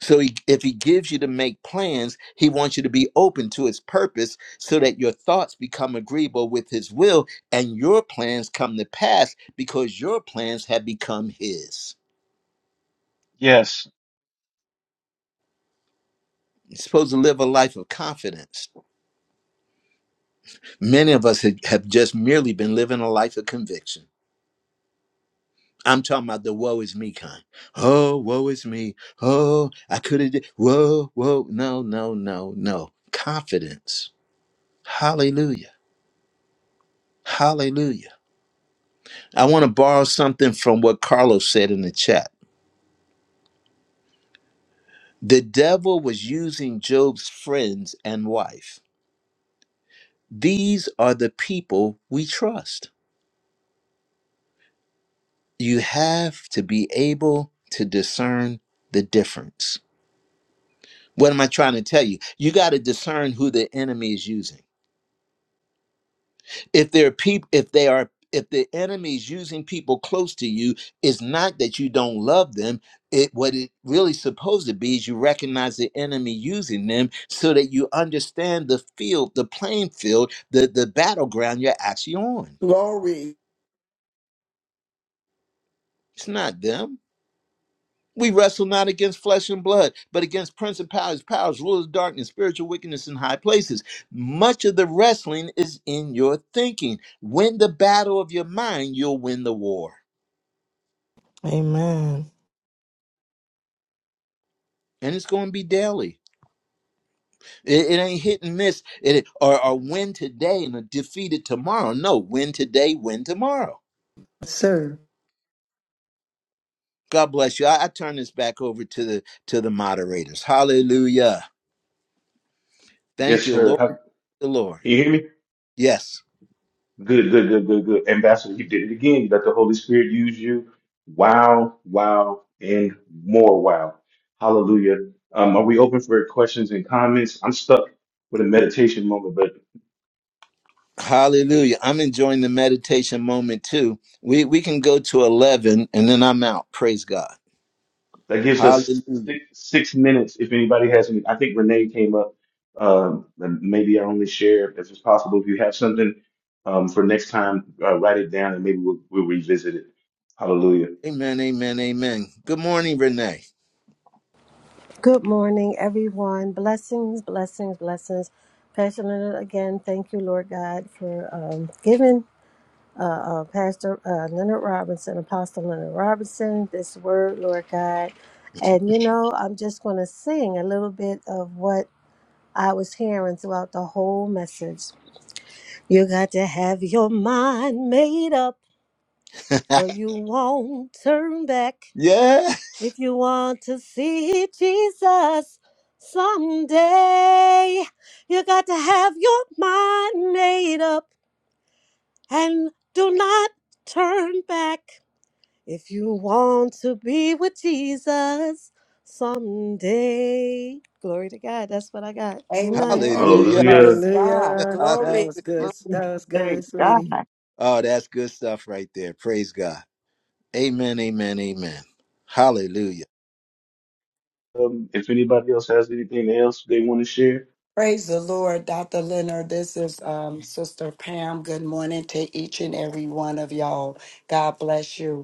So he, if he gives you to make plans, he wants you to be open to his purpose so that your thoughts become agreeable with his will and your plans come to pass because your plans have become his.
Yes.
You're supposed to live a life of confidence. Many of us ha- have just merely been living a life of conviction. I'm talking about the woe is me kind. Oh, woe is me. Oh, I could have did. Whoa, whoa. No, no, no, no. Confidence. Hallelujah. Hallelujah I want to borrow something from what Carlos said in the chat. The devil was using Job's friends and wife. These are the people we trust. You have to be able to discern the difference. What am I trying to tell you? You got to discern who the enemy is using. if there are people if they are if the enemy is using people close to you it's not that you don't love them it what it really supposed to be is you recognize the enemy using them so that you understand the field the playing field the the battleground you're actually on
Glory.
it's not them we wrestle not against flesh and blood, but against principalities, powers, rulers of darkness, spiritual wickedness in high places. Much of the wrestling is in your thinking. Win the battle of your mind, you'll win the war.
Amen.
and it's going to be daily. It, it ain't hit and miss. It or, or win today and a defeated tomorrow. No, win today, win tomorrow.
Sir.
God bless you. I, I turn this back over to the to the moderators. Hallelujah. Thank
Yes,
you,
sir.
Lord.
Ha-
Thank you, Lord.
You hear me?
Yes.
Good, good, good, good, good. Ambassador, you did it again. You let the Holy Spirit use you. Wow, wow, and more wow. Hallelujah. Um, are we open for questions and comments? I'm stuck with a meditation moment, but
Hallelujah. I'm enjoying the meditation moment too. We we can go to eleven and then I'm out. Praise God.
that gives us
Hallelujah.
six, six minutes. If anybody has any, I think Renee came up. Um, and maybe I only share if it's possible. If you have something um, for next time, uh, write it down and maybe we'll, we'll revisit it. Hallelujah.
Amen. Amen. Amen. Good morning, Renee.
Good morning, everyone. Blessings, blessings, blessings. Pastor Leonard, again, thank you, Lord God, for um, giving uh, Pastor uh, Leonard Robinson, Apostle Leonard Robinson, this word, Lord God. And you know, I'm just going to sing a little bit of what I was hearing throughout the whole message. You got to have your mind made up so you won't turn back.
yeah.
If you want to see Jesus someday, you got to have your mind made up and do not turn back. If you want to be with Jesus someday, glory to God. That's what I got. Amen.
Amen.
Hallelujah.
Hallelujah.
Praise God.
Hallelujah.
Hallelujah.
That
Glory.
was good.
Hallelujah.
That was
Thank
good,
God.
sweetie.
Oh, that's good stuff right there. Praise God. Amen, amen, amen. Hallelujah.
Um, if anybody else has anything else they want to share,
Praise the Lord, Dr. Leonard. This is um, Sister Pam. Good morning to each and every one of y'all. God bless you.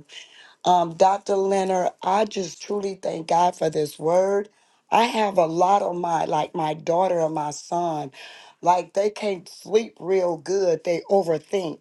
Um, Dr. Leonard, I just truly thank God for this word. I have a lot of my, like my daughter and my son, like they can't sleep real good. They overthink.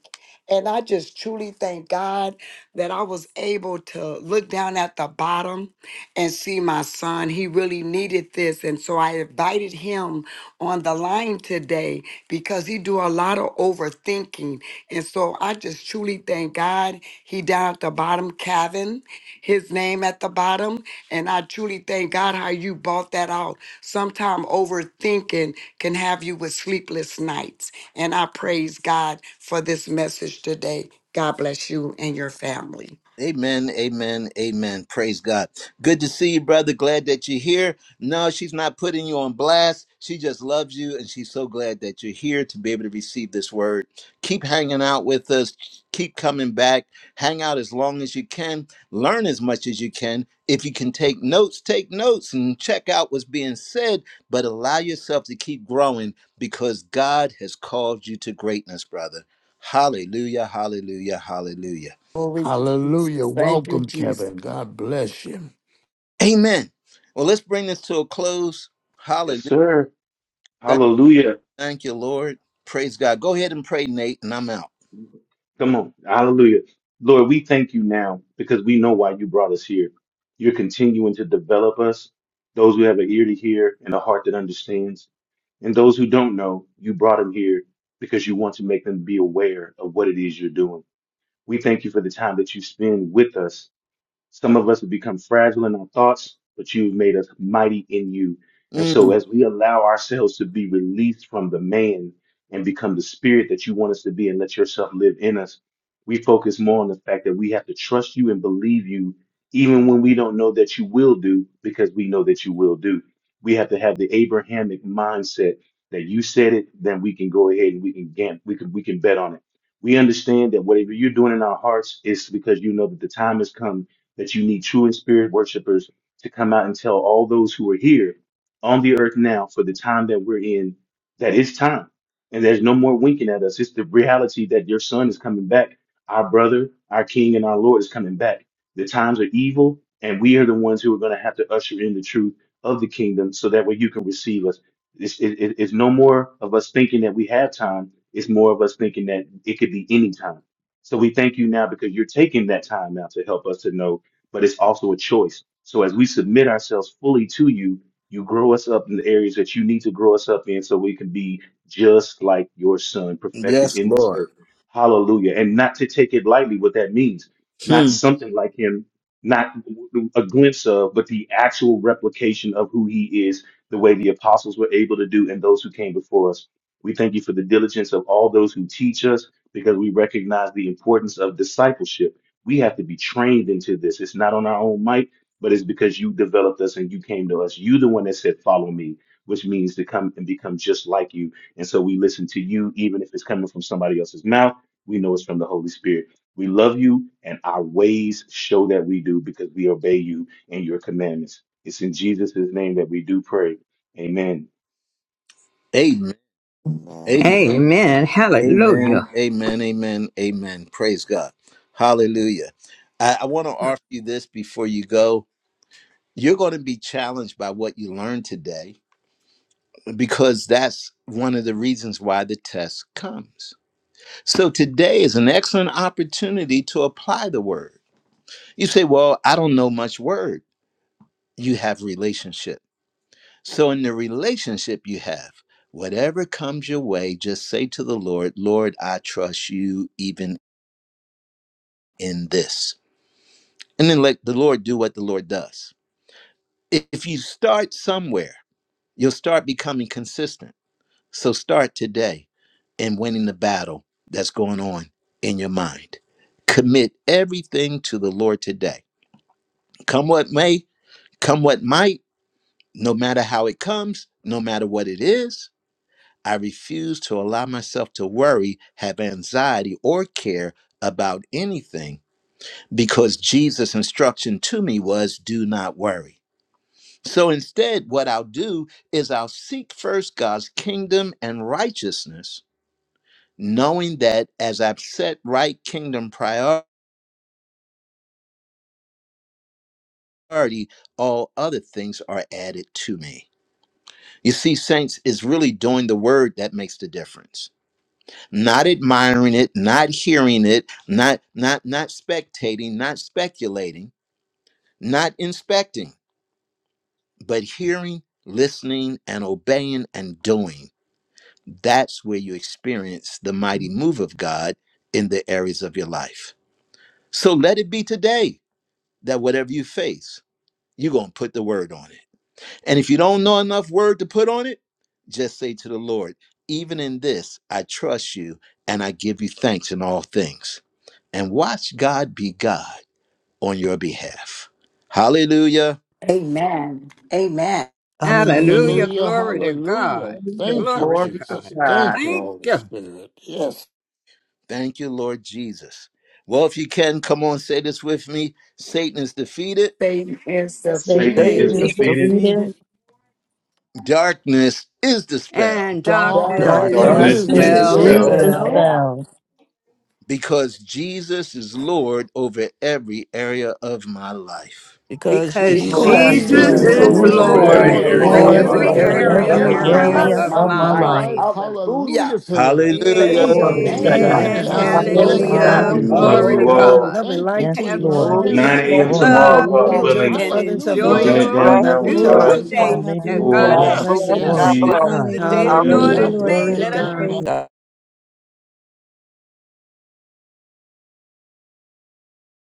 And I just truly thank God that I was able to look down at the bottom and see my son. He really needed this. And so I invited him on the line today because he do a lot of overthinking. And so I just truly thank God. He down at the bottom, Kevin, his name at the bottom. And I truly thank God how you bought that out. Sometime overthinking can have you with sleepless nights. And I praise God for this message today. God bless you and your family.
Amen, amen, amen. Praise God. Good to see you, brother. Glad that you're here. No, she's not putting you on blast. She just loves you, and she's so glad that you're here to be able to receive this word. Keep hanging out with us. Keep coming back. Hang out as long as you can. Learn as much as you can. If you can take notes, take notes and check out what's being said, but allow yourself to keep growing because God has called you to greatness, brother. Hallelujah, hallelujah, hallelujah.
Glory to
Hallelujah.
Jesus. Thank you,
Welcome,
Jesus.
Kevin. God bless you.
Amen. Well, let's bring this to a close.
Yes,
Hallelujah.
sir.
Thank,
Hallelujah.
thank you, Lord. Praise God. Go ahead and pray, Nate, and I'm out.
Come on. Hallelujah. Lord, we thank you now because we know why you brought us here. You're continuing to develop us, those who have an ear to hear and a heart that understands. And those who don't know, you brought them here because you want to make them be aware of what it is you're doing. We thank you for the time that you spend with us Some of us have become fragile in our thoughts, but you've made us mighty in you. And so,
Mm,
as we allow ourselves to be released from the man and become the spirit that you want us to be and let yourself live in us, we focus more on the fact that we have to trust you and believe you, even when we don't know that you will do, because we know that you will do. We have to have the Abrahamic mindset that you said it, then we can go ahead and we can gam- we can we can bet on it. We understand that whatever you're doing in our hearts is because you know that the time has come that you need true and spirit worshipers to come out and tell all those who are here on the earth now for the time that we're in that it's time. And there's no more winking at us. It's the reality that your son is coming back. Our brother, our king, and our Lord is coming back. The times are evil, and we are the ones who are going to have to usher in the truth of the kingdom so that way you can receive us. It's, it, it- it's no more of us thinking that we have time. It's more of us thinking that it could be any time. So we thank you now because you're taking that time now to help us to know but it's also a choice. So as we submit ourselves fully to you, you grow us up in the areas that you need to grow us up in so we can be just like your son, perfected
yes,
in this
Lord.
earth. Hallelujah. And not to take it lightly what that means, not
Hmm.
something like him, not a glimpse of, but the actual replication of who he is, the way the apostles were able to do and those who came before us. We thank you for the diligence of all those who teach us because we recognize the importance of discipleship we have to be trained into this. It's not on our own might, but it's because you developed us and you came to us. You the one that said, follow me, which means to come and become just like you. And so we listen to you, even if it's coming from somebody else's mouth. We know it's from the Holy Spirit. We love you, and our ways show that we do because we obey you and your commandments. It's in Jesus' name that we do pray. Amen.
Amen. Amen.
Amen.
Amen.
Amen.
Hallelujah.
Amen. Amen. Amen. Praise God. Hallelujah. I, I want to offer you this before you go. You're going to be challenged by what you learned today because that's one of the reasons why the test comes. So today is an excellent opportunity to apply the word. You say, Well, I don't know much word. You have relationship. So, in the relationship you have, whatever comes your way, just say to the Lord, Lord, I trust you even in this. And then let the Lord do what the Lord does. If you start somewhere, you'll start becoming consistent. So, start today in winning the battle that's going on in your mind. Commit everything to the Lord today. Come what may, come what might No matter how it comes, no matter what it is, I refuse to allow myself to worry, have anxiety, or care about anything because Jesus' instruction to me was do not worry. So instead, what I'll do is I'll seek first God's kingdom and righteousness, knowing that as I've set right kingdom priority, all other things are added to me. You see, saints, it's really doing the word that makes the difference not admiring it, not hearing it, not not not spectating, not speculating, not inspecting, but hearing, listening and obeying and doing. That's where you experience the mighty move of God in the areas of your life. So let it be today that whatever you face, you're going to put the word on it. And if you don't know enough word to put on it, just say to the Lord, even in this, I trust you and I give you thanks in all things. And watch God be God on your behalf. Hallelujah.
Amen. Amen.
Hallelujah.
Hallelujah.
Hallelujah.
Glory to God.
Hallelujah.
Hallelujah.
Thank you,
Glory
Glory
to
to
Jesus.
God.
God.
Thank you,
Thank
Holy
you.
Spirit. Yes.
Thank you, Lord Jesus. Well, if you can, come on, say this with me Satan is defeated,
Satan is
Thank you,
Satan
Satan
Satan
is
defeated.
is
is
Jesus.
defeated.
defeated.
defeated.
darkness is dispelled
And darkness
God
Darkness
is
Darkness
Darkness
Darkness
is
is
Thank
Darkness
is
Darkness
is
is
you,
is
dispelled
dispelled.
is
dispelled
dispelled
Lord.
dispelled
dispelled
the
dispelled
because Jesus is Lord over every area of my life.
because
because
because
because
Jesus
because
Because
Because
because
is
Jesus
Jesus
Jesus
because
is
is the
Jesus
Lord
Jesus
is
Jesus
Jesus
Lord
is
is
is
is
over
Lord
Jesus
over
Lord
Lord
Lord
is
every
Lord
Lord
and
every
area
over
over
over
of
Lord
my
over
Savior
every
over
every
life.
over
area
area
every
over
everything.
of
every
area
of
every
my
my
of
every
area
my
area
life.
life.
area
of
area
life.
of
my
of
of
my
my
my
life.
life.
life.
life.
Hallelujah.
Hallelujah to the Lamb.
Hallelujah.
Bless
Thank you,
Glory
Glory
to
to
you,
Hallelujah.
Jesus.
God.
God.
Amen.
Amen.
Jesus.
Yes, yes,
Glory,
Hallelujah.
Hallelujah.
Thank
Hallelujah.
Hallelujah.
Lord.
you.
Hallelujah.
Thank
Glory
Love
to
Yes,
Glory
you,
to
you
glory.
Lord.
God.
Jesus.
God.
all.
Love and
Thank you
light
Yes,
to
for
Have
you
your
Lord.
all.
Oh,
strength.
9
Thank
bless
peace,
a.m.
you
his
for
Glory.
tomorrow,
your
love,
holy
God
Hallelujah.
name.
courage.
Enjoy the
willing.
and
furtherance of your
enjoy
Closing
Glory
it
Hallelujah.
day.
to
your
down
Thank you
God.
Love
now in
you
for
Blessings
to
your
will
Glory
beautiful
be
life.
five,
to God.
wisdom.
one.
day that
Hallelujah.
God
four,
Hallelujah.
God
has
Yes,
given
yes,
Glory.
us.
Blessings.
yes.
three,
This
bless.
is the day
Hallelujah.
the
God bless.
May
two.
Lord
Thank
I
you,
Hallelujah.
has
Lord
walk
made.
Glory
God.
to
Let
in
We
us rejoice.
it
God.
God.
praise